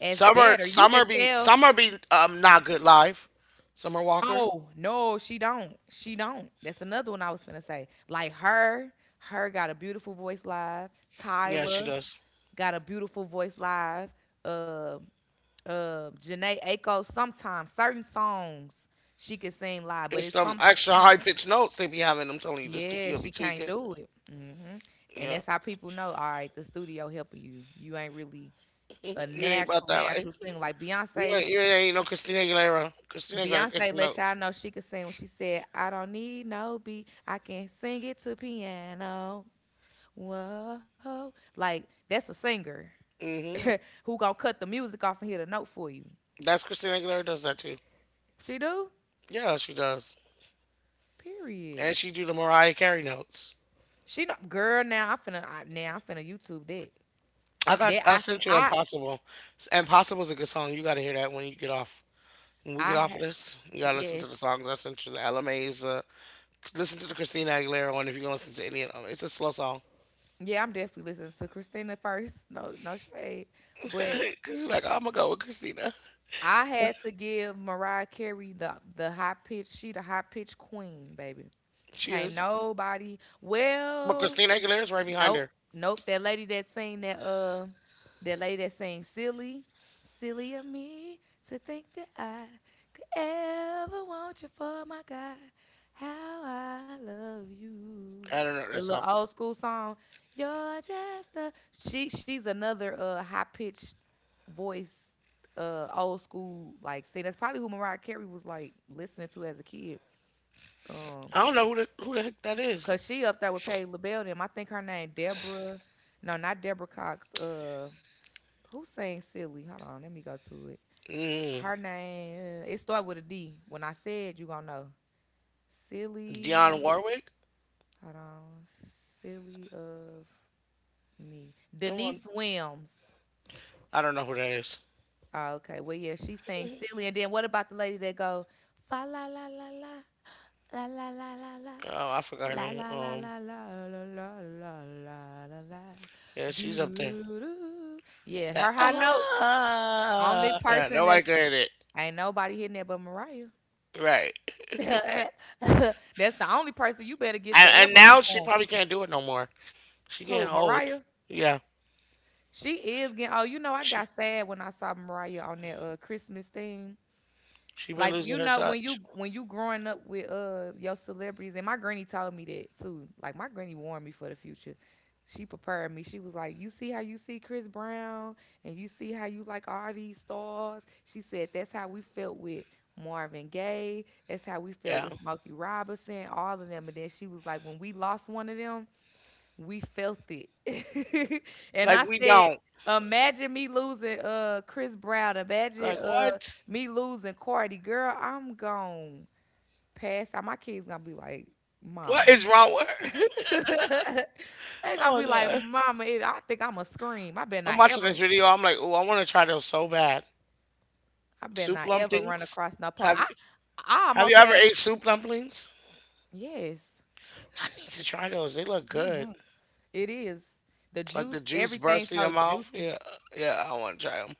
as
Summer,
better. You could
Summer be
tell.
Summer be not good live. Summer Walker,
Oh no, she don't. She don't. That's another one I was finna say. Like her, her got a beautiful voice live.
yeah, she
Tyler
does.
got a beautiful voice live. Uh, Janae Aiko. Sometimes certain songs she could sing live, but
It's
it's
some
some
extra high
songs.
pitched notes they be having. I'm telling you, the
Yeah, she
studio be
can't
tweaking.
do it. Hmm. And
Yeah,
that's how people know. All right, the studio helping you. You ain't really a
you ain't about
natural,
that life.
natural singer. Like
You
Beyonce,
ain't you ain't, ain't no Christina Aguilera. Christina Aguilera get
Beyonce
the
let
notes.
y'all know she could sing when she said, I don't need no beat. I can sing it to piano. Whoa. Like that's a singer
hmm
who gonna cut the music off and hit a note for you.
That's Christina Aguilera does that too.
She do?
Yeah, she does,
Period.
and she do the Mariah Carey notes.
She know girl, now I now I finna YouTube that. That
I
I
sent you
I
Impossible. Impossible's a good song. You gotta hear that when you get off. When we get
I
off of
ha-
this, you gotta listen to the
yes.
songs I sent you. The LMA's, listen to the Christina Aguilera one if you're gonna listen to any of them. It's a slow song.
Yeah, I'm definitely listening to Christina first. No no shade. But
Cause you're like, I'm gonna go with Christina.
I had to give Mariah Carey the high pitch. She the high pitch queen, baby.
She
Can't
is,
nobody.
but
Well,
Christina Aguilera's right behind
nope,
her.
nope. That lady that sing that uh, that lady that sing silly, silly of me to think that I could ever want you for my God. How I love you.
I don't know that
That little
song.
old school song. You're just a she. She's another high pitch voice, old school like. See, that's probably who Mariah Carey was like listening to as a kid. Um,
I don't know who the heck that is.
cause she up there with Patti LaBelle. Them, I think her name Deborah. No, not Deborah Cox. Who sang "Silly"? Hold on, let me go to it.
Mm.
Her name it start with a D. When I said you gonna know,
Dionne
silly.
Warwick.
Hold on, silly of me.
Come on.
Denise Williams.
I don't know who that is.
Oh, okay. Well, yeah, she sings silly. And then what about the lady that go fa la la la la la la la la
Oh, I forgot her
la la
name.
la la la la la la la la la la
Yeah, she's
do do
up there.
do do do. Yeah, her high note. Only
Yeah,
person
nobody
that's
could hit it.
ain't nobody hitting that but Mariah.
Right.
That's the only person you better get
And,
to
and
ever
now she
perform.
probably can't do it no more. She getting
Who,
old.
Mariah?
Yeah.
She is getting. Oh, you know, I
She
got sad when I saw Mariah on that Christmas thing.
she been
Like
losing
you
her
know when
touch.
you growing up with your celebrities, and my granny told me that too. Like my granny warned me for the future. She prepared me. She was like, "You see how you see Chris Brown and you see how you like all these stars." She said that's how we felt with Marvin Gaye. That's how we felt
Yeah.
with Smokey Robinson, all of them. And then she was like, "When we lost one of them, we felt it." And
Like
I
we
said,
don't.
imagine me losing Chris Brown. Imagine
Like what?
me losing Cardi. Girl, I'm gone. Pass out. My kids gonna be like,
What
mama.
is wrong with her?
They gonna
Oh
be like,
god.
mama, it, I think I'ma scream. I better
I'm
not
watching
ever,
this video. I'm like, oh, I want to try those so bad.
I better
Soup
not ever run
dumplings.
across no po,
Have you
I
Have you
almost
ever
had a
ate soup dumplings?
yes.
I need to try those. They look good.
Hmm. It is. The
It's like the
juice,
juice
everything
bursts in your
so
mouth.
juicy.
Yeah. Yeah. I want to try them.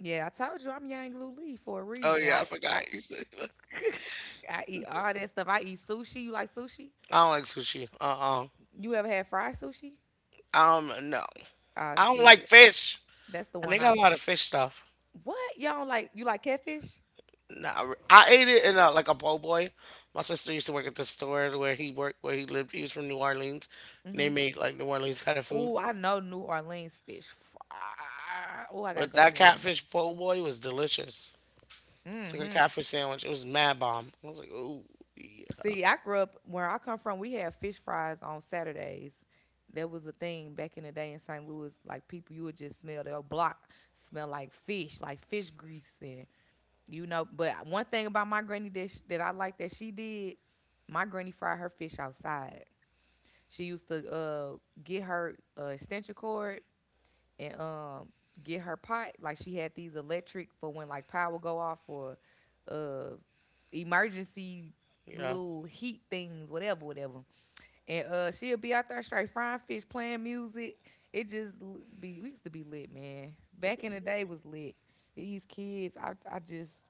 Yeah, I told you I'm Yang Lu Lee for a
Oh
reason.
yeah. I forgot.
I
You said. I
I eat all that stuff. I eat sushi. You like sushi?
don't like sushi. Uh,
You ever had fried sushi?
I don't know.
I
I don't
see that.
like fish.
That's the
And
one
they
I.
got a lot of fish stuff.
What y'all don't like? You like catfish?
Nah, I ate it in a, like a po' boy. My sister used to work at the store where he worked, where he lived. He was from New Orleans, and they
Mm-hmm.
made like New Orleans kind of food.
Oh, I know New Orleans fish fry. Oh, I gotta
But
go to
that
New Orleans.
catfish po' boy was delicious. It's like a
Mm-hmm.
catfish sandwich. It was mad bomb. I was like, ooh, yeah,
See, I grew up where I come from. We had fish fries on Saturdays. That was a thing back in the day in St. Louis. Like people, you would just smell their block smell like fish grease, and you know, but one thing about my granny that I like that she did, my granny fried her fish outside. She used to get her extension cord and get her pot. Like she had these electric for when like power go off or uh emergency
yeah,
little heat things, whatever, whatever. And she'll be out there straight frying fish, playing music. It just be, we used to be lit, man. Back in the day was lit. These kids,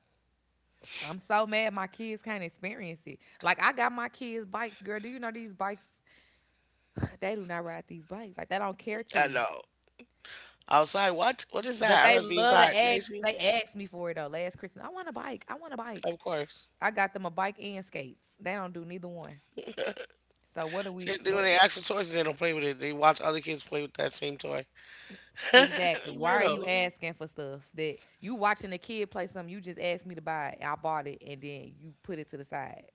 I'm so mad my kids can't experience it. Like I got my kids bikes, girl. Do you know these bikes? They do not ride these bikes. Like they don't care
I
to.
know. Outside, what? What is that?
But
I'd
they
rather be
love to
inside,
ask.
Macy.
They asked me for it though. Last Christmas, I want a bike. I want a bike.
Of course.
I got them a bike and skates. They don't do neither one. So what do we?
See, when they
What
ask for toys, they don't play with it. They watch other kids play with that same toy.
exactly? Why are you
Weirdos.
asking for stuff that you watching a kid play something? You just asked me to buy it. I bought it and then you put it to the side.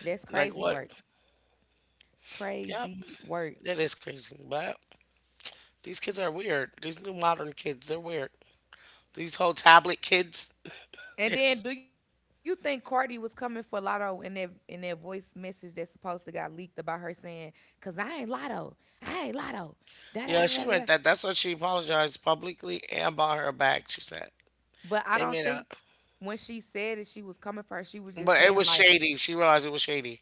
That's
Like
crazy
what?
work.
Yep.
Crazy work.
That is crazy. But. These kids are weird. These new modern kids, they're weird. These whole tablet kids.
And then,
yes.
do you think Cardi was coming for Lotto in that voice message that supposed to got leaked about her saying, "Cause I ain't Lotto, I ain't Lotto." Da da da da
Yeah,
da da.
she meant that. That's what she apologized publicly and bought her back, she said.
But I
They
don't
made
think
up.
when she said it, she was coming for her. She was just
But it
saying
was
like,
shady. She realized it was shady.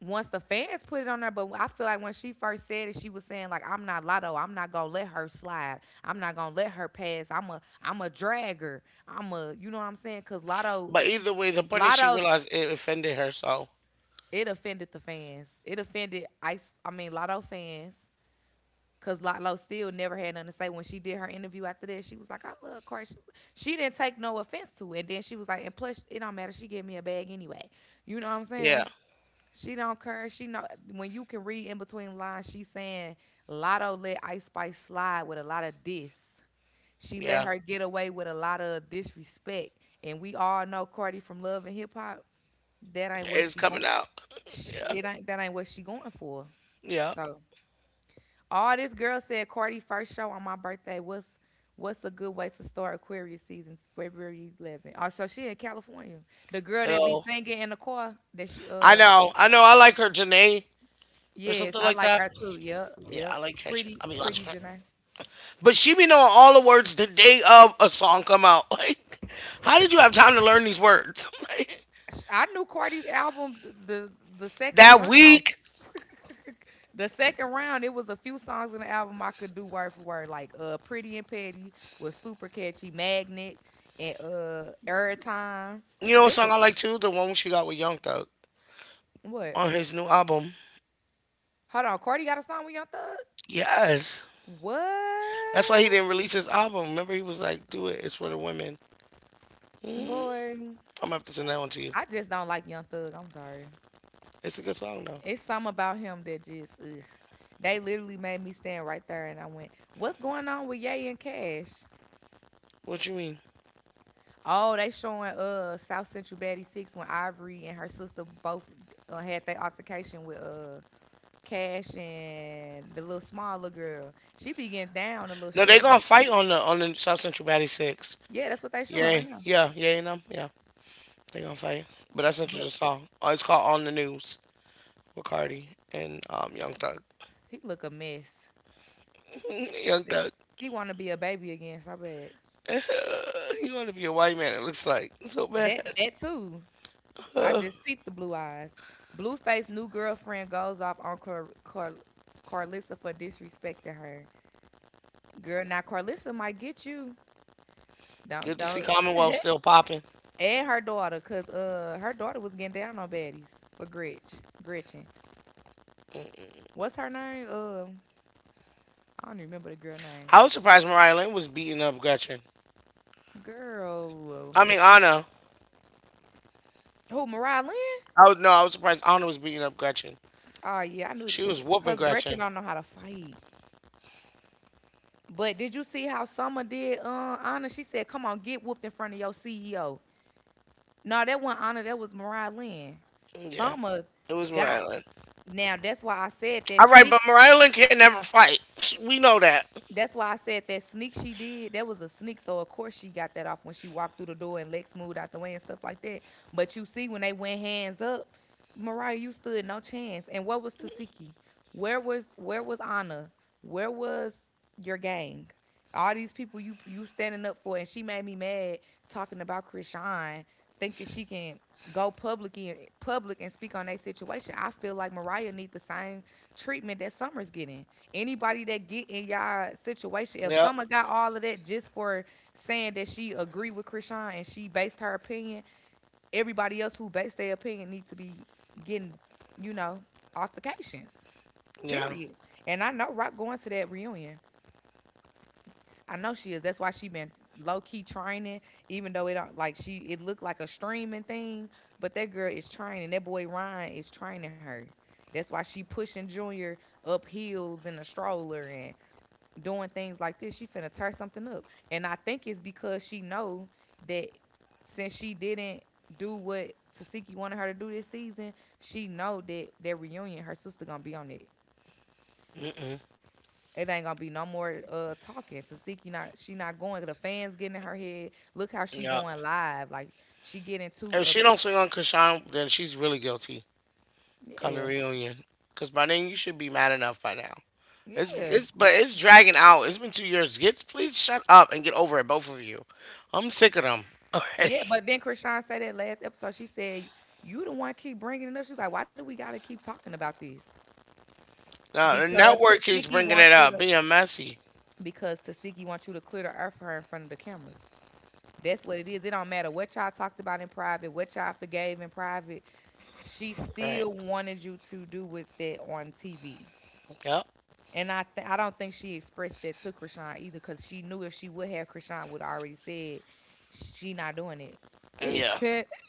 once the fans put it on her. But I feel like when she first said it, she was saying like, "I'm not Lotto. I'm not gonna let her slide. I'm not gonna let her pass. I'm a dragger. I'm a you know what I'm saying? Cause Lotto
But either way, the point is she
Lotto
realized it offended her, so
it offended the fans. It offended Ice. I mean Lotto fans. Cause Lotlo still never had nothing to say when she did her interview after that. She was like, "I love Cardi." She didn't take no offense to it. And then she was like, "And plus, it don't matter. She gave me a bag anyway." You know what I'm
yeah,
saying? She don't care. She know when you can read in between lines. She's saying Lotto let Ice Spice slide with a lot of diss. She let
yeah.
her get away with a lot of disrespect. And we all know Cardi from Love and Hip Hop. That ain't what
It's
she
coming
going.
out.
She,
Yeah.
it ain't that ain't what she going for.
Yeah.
So all this girl said Cardi first show on my birthday. What's a good way to start Aquarius season? February 11th. Oh, so she in California. The girl that be
Oh.
singing in the car that she
I know. I know. I like her, Janae or
yes,
something
I
like
like
that.
her too. Yep,
Yeah, I
yep.
like her.
Pretty
Watch
pretty
her.
Janae.
But she be knowing all the words the day of a song come out. Like, how did you have time to learn these words? Like,
I knew Cardi's album the second
that
round.
week,
The second round, it was a few songs in the album I could do word for word, like Pretty and Petty was super catchy, Magnet and Airtime.
you know what
There was
song I like too? The one she got with Young Thug
what?
on his new album.
Hold on, Cardi got a song with Young Thug?
Yes. That's why he
What?
didn't release his album. Remember he was like, do it, it's for the women.
Boy,
I'm gonna have to send that one to you.
I just don't like Young Thug. I'm sorry.
It's a good song though.
It's something about him that just, ugh. They literally made me stand right there and I went, what's going on with Ye and Cash?
What you mean?
Oh, they showing South Central Batty Six when Ivory and her sister both had their altercation with Cash and the little small little girl. She be getting down, the little
No, they
short
gonna
one.
fight on the South Central Baddie Six.
Yeah, that's what they showing
Yeah,
right now.
yeah, yeah, you know, yeah. They gonna fight. But that's not just
But
a song. Oh, it's called On the News with Cardi and Young Thug.
he look a mess.
Young Thug,
He want to be a baby again so bad.
you want to be a white man, it looks like. So bad.
That that too. I just peeped the blue eyes. Blueface new girlfriend goes off on Carlissa for disrespecting her. Girl, now Carlissa might get you.
Good to see
Don't
Commonwealth still popping.
and her daughter, cause her daughter was getting down on baddies for Gretch. Gretchen. What's her name? I don't even remember the girl name.
I was surprised Mariah Lynn was beating up Gretchen.
Girl,
I mean, Anna.
who Mariah Lynn?
I was, no, I was surprised Anna was beating up Gretchen.
Oh yeah, I knew.
She was whooping
Cause Gretchen
Gretchen.
don't know how to fight. But did you see how Summer did? Anna, she said, "Come on, get whooped in front of your CEO." No, that wasn't Anna. That was Mariah Lynn.
Yeah,
Summer
it was
got
Mariah Lynn.
now. That's why I said that.
All right, but Mariah Lynn can never fight. We know that.
That's why I said that sneak she did. That was a sneak, so of course she got that off when she walked through the door and Lex moved out the way and stuff like that. But you see, when they went hands up, Mariah, you stood no chance. And what was Tasiki? Where was Anna? Where was your gang? All these people you standing up for, and she made me mad talking about Krishan, thinking she can go public in public and speak on their situation. I feel like Mariah needs the same treatment that Summer's getting. Anybody that get in y'all situation, if
Yep.
someone got all of that just for saying that she agree with Krishan and she based her opinion, everybody else who based their opinion need to be getting, you know, altercations.
Yeah.
Period. And I know Rock going to that reunion. I know she is. That's why she been low key training, even though it don't like she it looked like a streaming thing, but that girl is training. That boy Ryan is training her. That's why she pushing Junior up hills in a stroller and doing things like this, she finna tear something up. And I think it's because she know that since she didn't do what Tasiki wanted her to do this season, she know that that reunion, her sister gonna be on it.
Mm-mm.
It ain't gonna be no more talking. Tasiki not she not going. The fans getting in her head. Look how she
Yep.
going live. Like she getting too
If she
ups.
don't swing on Krishan, then she's really guilty. Come to
Yeah,
reunion. Because by then, you should be mad enough by now. It's
yeah,
it's but it's dragging out. It's been 2 years. Gets please shut up and get over it, both of you. I'm sick of them already.
yeah. But then Krishan said that last episode. She said you the one keep bringing it up. She was like, why do we gotta keep talking about this?
Now the
Because
network keeps
Tasiki
bringing it
wants you
up,
to.
being messy.
Because Tasiki wants you to clear the earth for her in front of the cameras. That's what it is. It don't matter what y'all talked about in private, what y'all forgave in private. She
Right.
still wanted you to do with that on TV.
Yep.
And I don't think she expressed that to Krishan either because she knew if she would have, Krishan would have already said she not doing
Yeah.
it.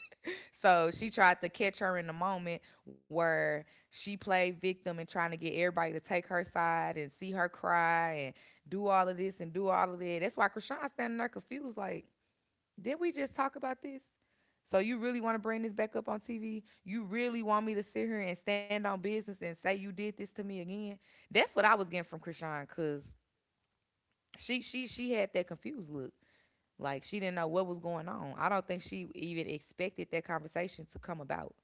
So she tried to catch her in the moment where she played victim and trying to get everybody to take her side and see her cry and do all of this and do all of that. That's why Krishan standing there confused, like, did we just talk about this? So you really want to bring this back up on TV? You really want me to sit here and stand on business and say you did this to me again? That's what I was getting from Krishan, cause she had that confused look. Like she didn't know what was going on. I don't think she even expected that conversation to come about.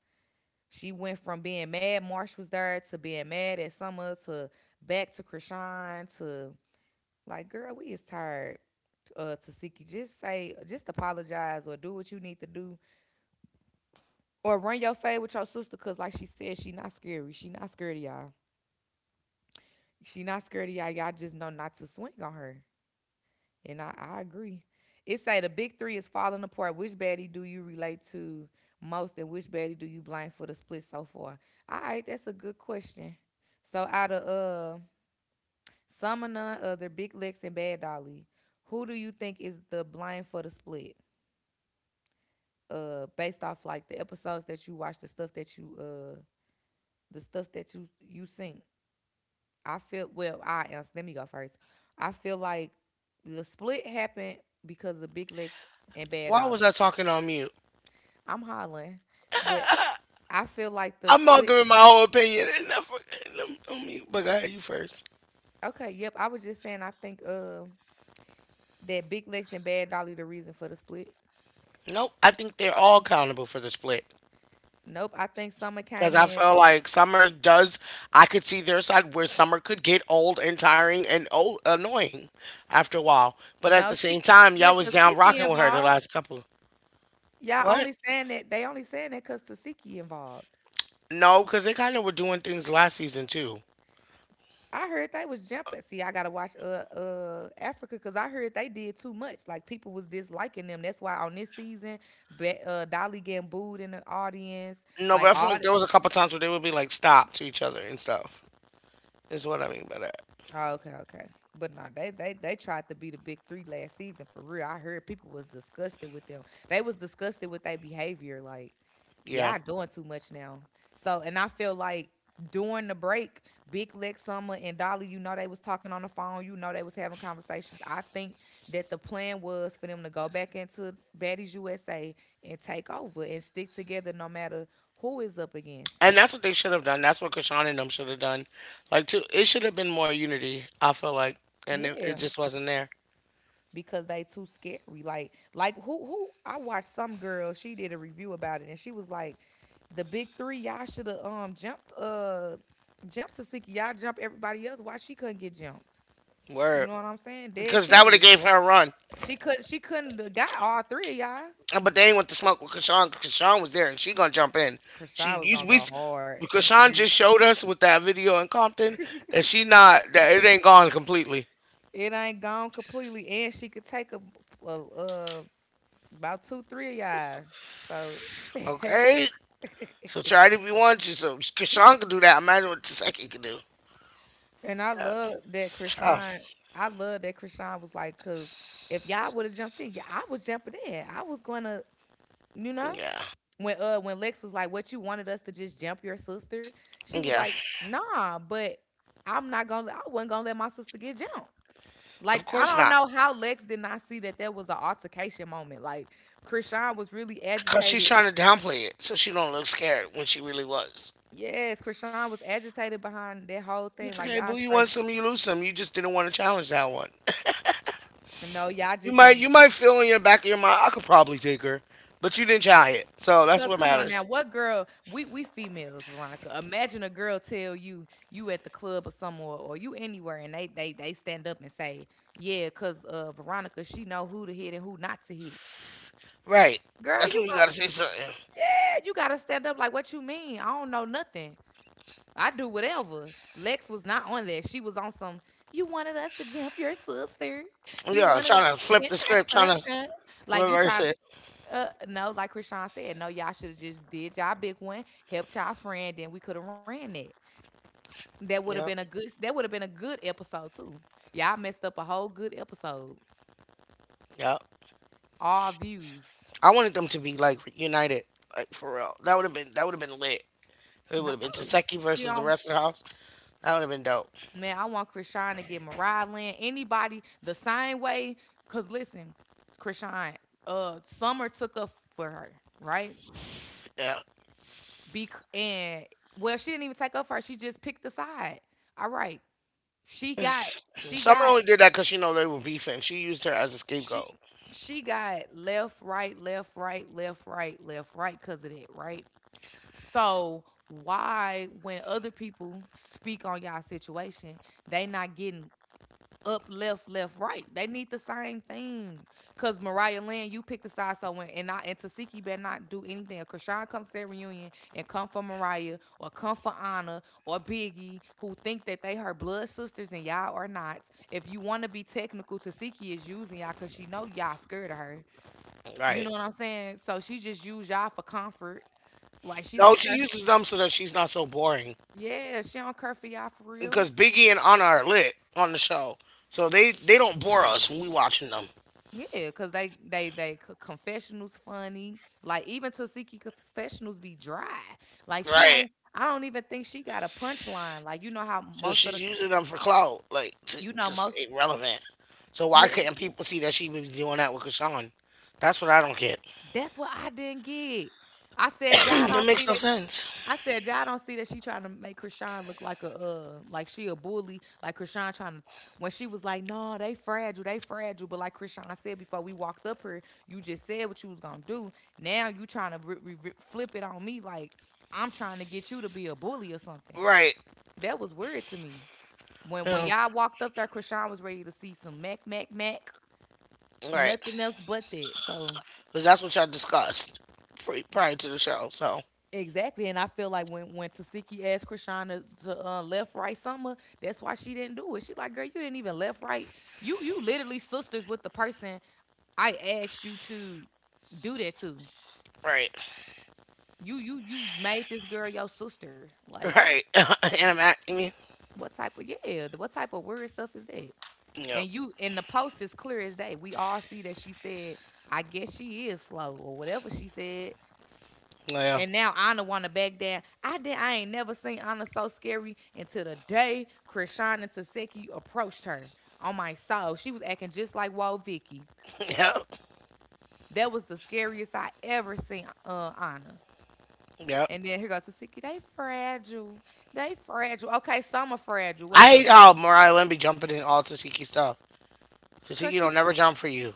She went from being mad Marsh was there to being mad at Summer to back to Krishan to like, girl, we is tired. Tasiki, just say, just apologize or do what you need to do or run your fade with your sister, cause like she said, she not scary. She not scared of y'all. She not scared of y'all. Y'all just know not to swing on her. And I agree. It say the big three is falling apart. Which baddie do you relate to most, and which baddie do you blame for the split so far? All right, that's a good question. So out of Some or none other, Big Lex and Bad Dolly. Who do you think is the blind for the split? Based off like the episodes that you watch, the stuff that you the stuff that you seen. I feel well. I answer. Let me go first. I feel like the split happened because of Big Lex and Bad
Why was I
Dolly.
talking on mute?
I'm hollering, but I feel like the
I'm not
split.
giving my whole opinion. And I'm, on mute. But go ahead, you first.
Okay, yep. I was just saying. I think that Big Lex and Bad Dolly the reason for the split.
Nope. I think they're all accountable for the split.
Nope. I think Summer
Because
came
I
in.
felt like Summer does, I could see their side where Summer could get old and tiring and old, annoying after a while. But at
No,
the same
she
time,
with
y'all was down
Tasiki
rocking with her the
involved.
last couple.
Y'all
What?
only saying that they only saying that 'cause Tasiki involved.
No, because they kind of were doing things last season too.
I heard they was jumping. See, I gotta watch Africa because I heard they did too much. Like people was disliking them. That's why on this season, Dolly getting booed in the audience.
No,
Like
but I feel
all
like there was a couple times where they would be like stop to each other and stuff. Is what I mean by that.
Oh, okay, okay. But no, they tried to be the big three last season for real. I heard people was disgusted with them. They was disgusted with their behavior. Like,
Yeah,
yeah, doing too much now. So, and I feel like during the break, Big Lex Summer and Dolly, you know, they was talking on the phone. You know, they was having conversations. I think that the plan was for them to go back into Baddies USA and take over and stick together, no matter who is up against.
and that's what they should have done. That's what Krishan and them should have done. Like, too, it should have been more unity. I feel like, and it
Yeah.
just wasn't there.
Because they too scary. Like who I watched some girl, she did a review about it and she was like, the big three, y'all should have jumped jumped to Siki. Y'all jump everybody else. Why she couldn't get jumped? You
Word,
know what I'm saying? Dead
because that would have
serious.
gave her a run.
She couldn't have got all three of y'all.
But they ain't want to smoke with Krishan. Krishan was there, and she gonna jump in. She
Krishan was
you,
gonna
we
go
s-
hard.
Krishan just showed us with that video in Compton that she not that it ain't gone completely.
It ain't gone completely, and she could take a about two, three of y'all. So
Okay, so try it if you want to. So Krishan could do that. Imagine what Taseki could do.
And I
Yeah,
love that
tough.
Krishan. I love that Krishan was like, cause if y'all would have jumped in, yeah, I was jumping in. I was gonna, you know,
Yeah,
when Lex was like, "What you wanted us to just jump your sister?" She was
yeah.
like, "Nah, but I'm not gonna. I wasn't gonna let my sister get jumped." Like
Of
I
course
don't
not,
know how Lex did not see that there was an altercation moment. Like Krishan was really
cause she's
agitated.
trying to downplay it so she don't look scared when she really was.
Yes, Krishan was agitated behind that whole thing.
It's
Like
okay,
y'all
boo. You want
straight.
some, you lose some. You just didn't want to challenge that one.
No, y'all
You
just
might
didn't.
you might feel in your back of your mind, I could probably take her, but you didn't try it. So that's
Cause
what
come on now,
matters.
what girl? We females, Veronica. Imagine a girl tell you you at the club or somewhere or you anywhere, and they stand up and say, yeah, cause Veronica she know who to hit and who not to hit.
Right.
Girl,
That's
you
when you
go,
gotta say something.
yeah, you gotta stand up. Like what you mean? I don't know nothing. I do whatever. Lex was not on that. She was on some. You wanted us to jump your sister. You
Yeah,
wanted us
trying to
to
flip
hit
the script,
your
trying to
sister." Like you
reverse
trying
it.
no, like Krishan said, no, y'all should have just did y'all big one, helped y'all friend, then we could have ran it. That would have been a
Yep,
good. That would have been a good episode too. Y'all messed up a whole good episode.
yep.
All views.
I wanted them to be like united, like for real. That would have been lit. It would
No,
have been Taseki
she
versus the
on.
rest of the house. That would have been dope.
Man, I want Krishan to get Mariah Lynn. Anybody the same way? Cause listen, Krishan, Summer took up for her, right?
Yeah.
Be and well, she didn't even take up for her. She just picked a side. All right, she got she
Summer
got
only did that because she know they were beefing. She used her as a
She
scapegoat.
she got left, right, left, right, left, right, left, right because of that, right? So why when other people speak on y'all situation, they not getting up, left, left, right. They need the same thing. Cause Mariah Lynn, you pick the side so when and I and Tasiki better not do anything. If Krishan comes to their reunion and come for Mariah or come for Anna or Biggie, who think that they her blood sisters and y'all are not. If you want to be technical, Tasiki is using y'all cause she know y'all scared of her. You
Right.
know what I'm saying? So she just use y'all for comfort. Like she
No,
don't
she
care.
uses them so that she's not so boring,
Yeah, she don't care for y'all for real.
because Biggie and Anna are lit on the show, so they don't bore us when we watching them.
Yeah, cause they c- confessionals funny. Like even Tasiki confessionals be dry. Like she
Right.
ain't. I don't even think she got a punchline. Like you know how
So
most of the
she's using them for clout, like to
you know
to
most
stay relevant. So why
yeah.
couldn't people see that she was doing that with Krishan? That's what I don't get.
That's what I didn't get. I said y'all don't
It
see
makes no
that
sense.
she trying to make Krishan look like a like she a bully, like Krishan trying to when she was like, no, they fragile, they fragile. But like Krishan said before we walked up here, you just said what you was gonna do. Now you trying to flip it on me like I'm trying to get you to be a bully or something.
Right.
That was weird to me. When
Yeah,
y'all walked up there, Krishan was ready to see some Mac,
right.
nothing else but that. So
Because that's what y'all discussed prior to the show. So
Exactly, and I feel like when Tasiki asked Krishana to left right summer, that's why she didn't do it. She like, girl, you didn't even left right. You literally sisters with the person I asked you to do that to.
right,
You made this girl your sister. Like,
right, and I'm acting me.
what type of yeah? What type of weird stuff is that?
Yep.
And you in the post is clear as day. We all see that she said, I guess she is slow or whatever she said.
Yeah.
And now Anna wanna back down. I did. I ain't never seen Anna so scary until the day Krishana Taseki approached her. On my soul, she was acting just like Whoa Vicky.
Yep.
That was the scariest I ever seen Anna.
Yep.
And then here goes Taseki. They fragile. They fragile. Okay, some are fragile. What's
I
up?
hate how Mariah Lynn be jumping in all Tasiki stuff. Tasiki
Cause she
don't never jump for you.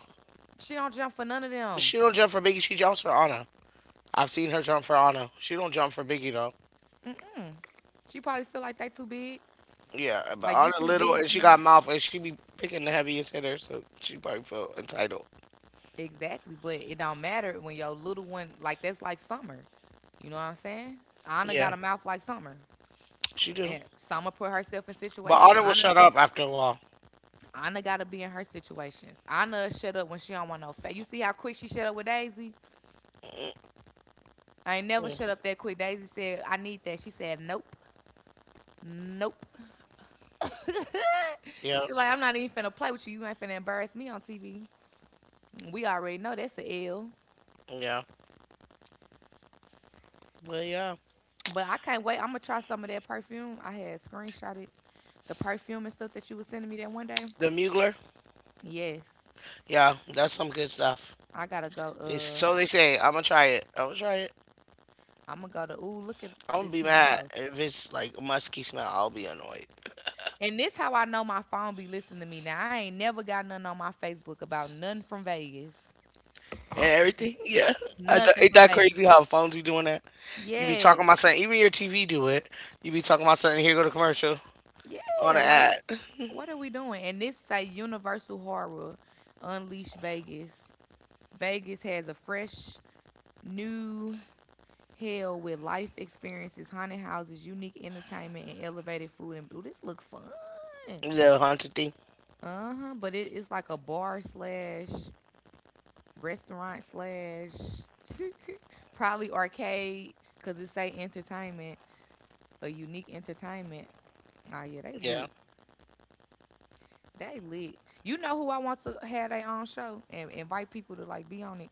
she don't jump for none of them.
She don't jump for Biggie. She jumps for Anna. I've seen her jump for Anna. She don't jump for Biggie though.
She probably feel like they too big.
Yeah, but
Like you
Anna
too
little
big
and she
tonight.
got mouth and she be picking the heaviest hitter, so she probably feel entitled.
Exactly, but it don't matter when your little one like that's like Summer. You know what I'm saying? Anna got
Yeah,
a mouth like Summer,
she do.
and Summer put herself in
But
situations.
Anna will
Anna,
shut up after a while.
Anna gotta be in her situations. Anna shut up when she don't want no fat. You see how quick she shut up with Daisy? I ain't never
Mm,
shut up that quick. Daisy said, "I need that." She said, "Nope, nope."
yeah,
She like, "I'm not even finna play with you. You ain't finna embarrass me on TV." We already know that's a L.
yeah. But yeah,
But I can't wait. I'm gonna try some of that perfume. I had screenshotted the perfume and stuff that you was sending me that one day.
the Mugler.
Yes,
Yeah, that's some good stuff.
I gotta go.
It's, so they say. I'm gonna try it. I'm gonna try it.
I'm gonna go to. Ooh, look at
I'm gonna
this
be
honey
mad
house.
if it's like a musky smell. I'll be annoyed.
And this how I know my phone be listening to me. Now I ain't never got nothing on my Facebook about nothing from Vegas.
And everything. Yeah, I d
Nothing
ain't
from
that
Vegas.
crazy how phones be doing that? You be talking
Yes.
about something, even your TV do it. You be talking about something. Here go the commercial on
Yeah.
an
Like,
ad.
what are we doing? And this say Universal Horror Unleash Vegas. Vegas has a fresh new hell with life experiences, haunted houses, unique entertainment, and elevated food. And ooh, this look fun.
The haunted thing.
Uh huh. But it's like a bar slash restaurant slash probably arcade because it say entertainment, a unique entertainment. Ah, yeah, they
Yeah.
lit. They lit. You know who I want to have their own show and invite people to like be on it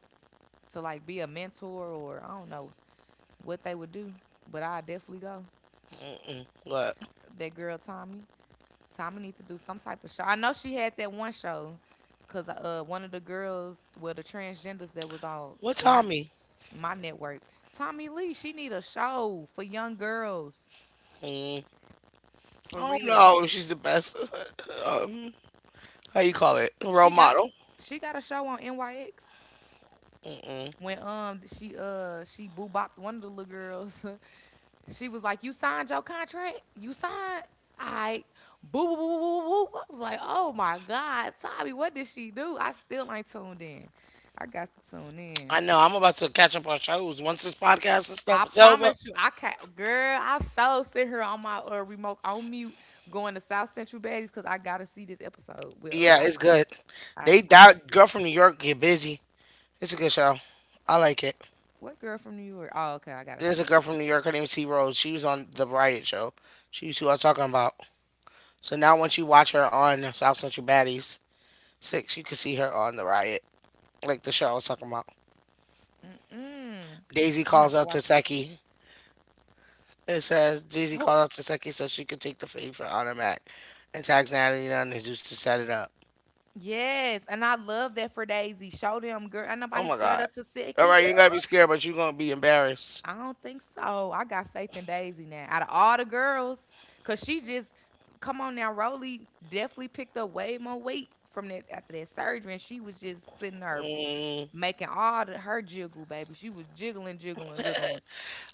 to like be a mentor or I don't know what they would do, but I definitely go.
What?
That girl Tommy, Tommy need to do some type of show. I know she had that one show because one of the girls, well, the transgenders that was on
What
my
Tommy?
my network, Tommy Lee, she need a show for young girls
Mm.
for
I don't
real.
know if she's the best. um, how you call it? Role
She got
model.
she got a show on NYX.
Mm.
When she boo bopped one of the little girls, she was like, "You signed your contract? You signed? I boo boo boo boo boo boo." I was like, "Oh my God, Tommy, what did she do?" I still ain't tuned in. I got to tune
I
in.
know. I'm about to catch up on shows once this podcast and stuff
I
is over.
promise you, I can't, girl. I so sit here on my remote on mute, going to South Central Baddies because I gotta see this episode with
Yeah, it's good.
I, I,
They
I have
that
to,
girl from New York get busy. It's a good show. I like it.
what girl from New York? Oh, okay, I gotta
There's
see
a girl
it.
from New York. Her name is C Rose. She was on the Riot Show. She was who I was talking about. So now once you watch her on South Central Baddies Six, you can see her on the Riot, like the show I was talking about.
Mm-mm.
Daisy
I'm gonna
calls
have to
out to
watch it.
Seki. It says Daisy
Who?
calls out to Seki so she could take the fade for Honor Mac, and tags Natalie down and Zeus to set it up.
Yes, and I love that for Daisy. Show them, girl. Ain't
Oh
nobody
my
scared
God!
of
All
Taseki,
right, you
girl.
ain't gotta be scared, but you are gonna be embarrassed.
I don't think so. I got faith in Daisy now. Out of all the girls, cause she just come on now, Rolly definitely picked up way more weight from that after that surgery, and she was just sitting there
Mm.
making all the, her jiggle, baby. She was jiggling, jiggling, jiggling.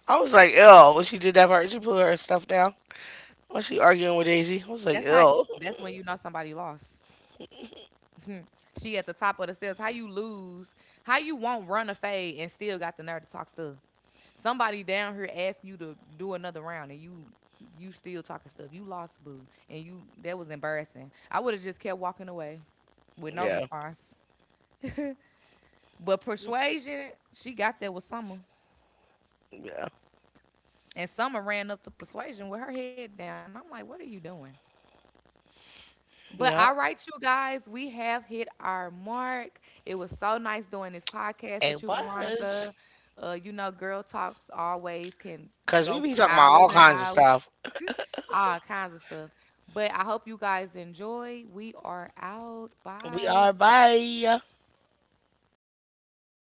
I was like, ill when she did that part. She put her stuff down. When she arguing with Daisy, I was like,
That's how.
ill.
That's when you know somebody lost. She at the top of the stairs. How you lose? How you won't run a fade and still got the nerve to talk stuff? Somebody down here asked you to do another round, and you still talking stuff. You lost, boo, and you that was embarrassing. I would have just kept walking away with no
Yeah,
response. But persuasion, she got there with Summer,
yeah.
and Summer ran up to persuasion with her head down. I'm like, what are you doing? But all
Yep,
right, you guys, we have hit our mark. It was so nice doing this podcast with
it
you,
was.
Veronica. You know, girl talks always can
Cause we
go
be
for
talking about
hours
all
and
kinds of
hours.
stuff.
All kinds of stuff. But I hope you guys enjoy. We are out.
We
Bye.
are bye.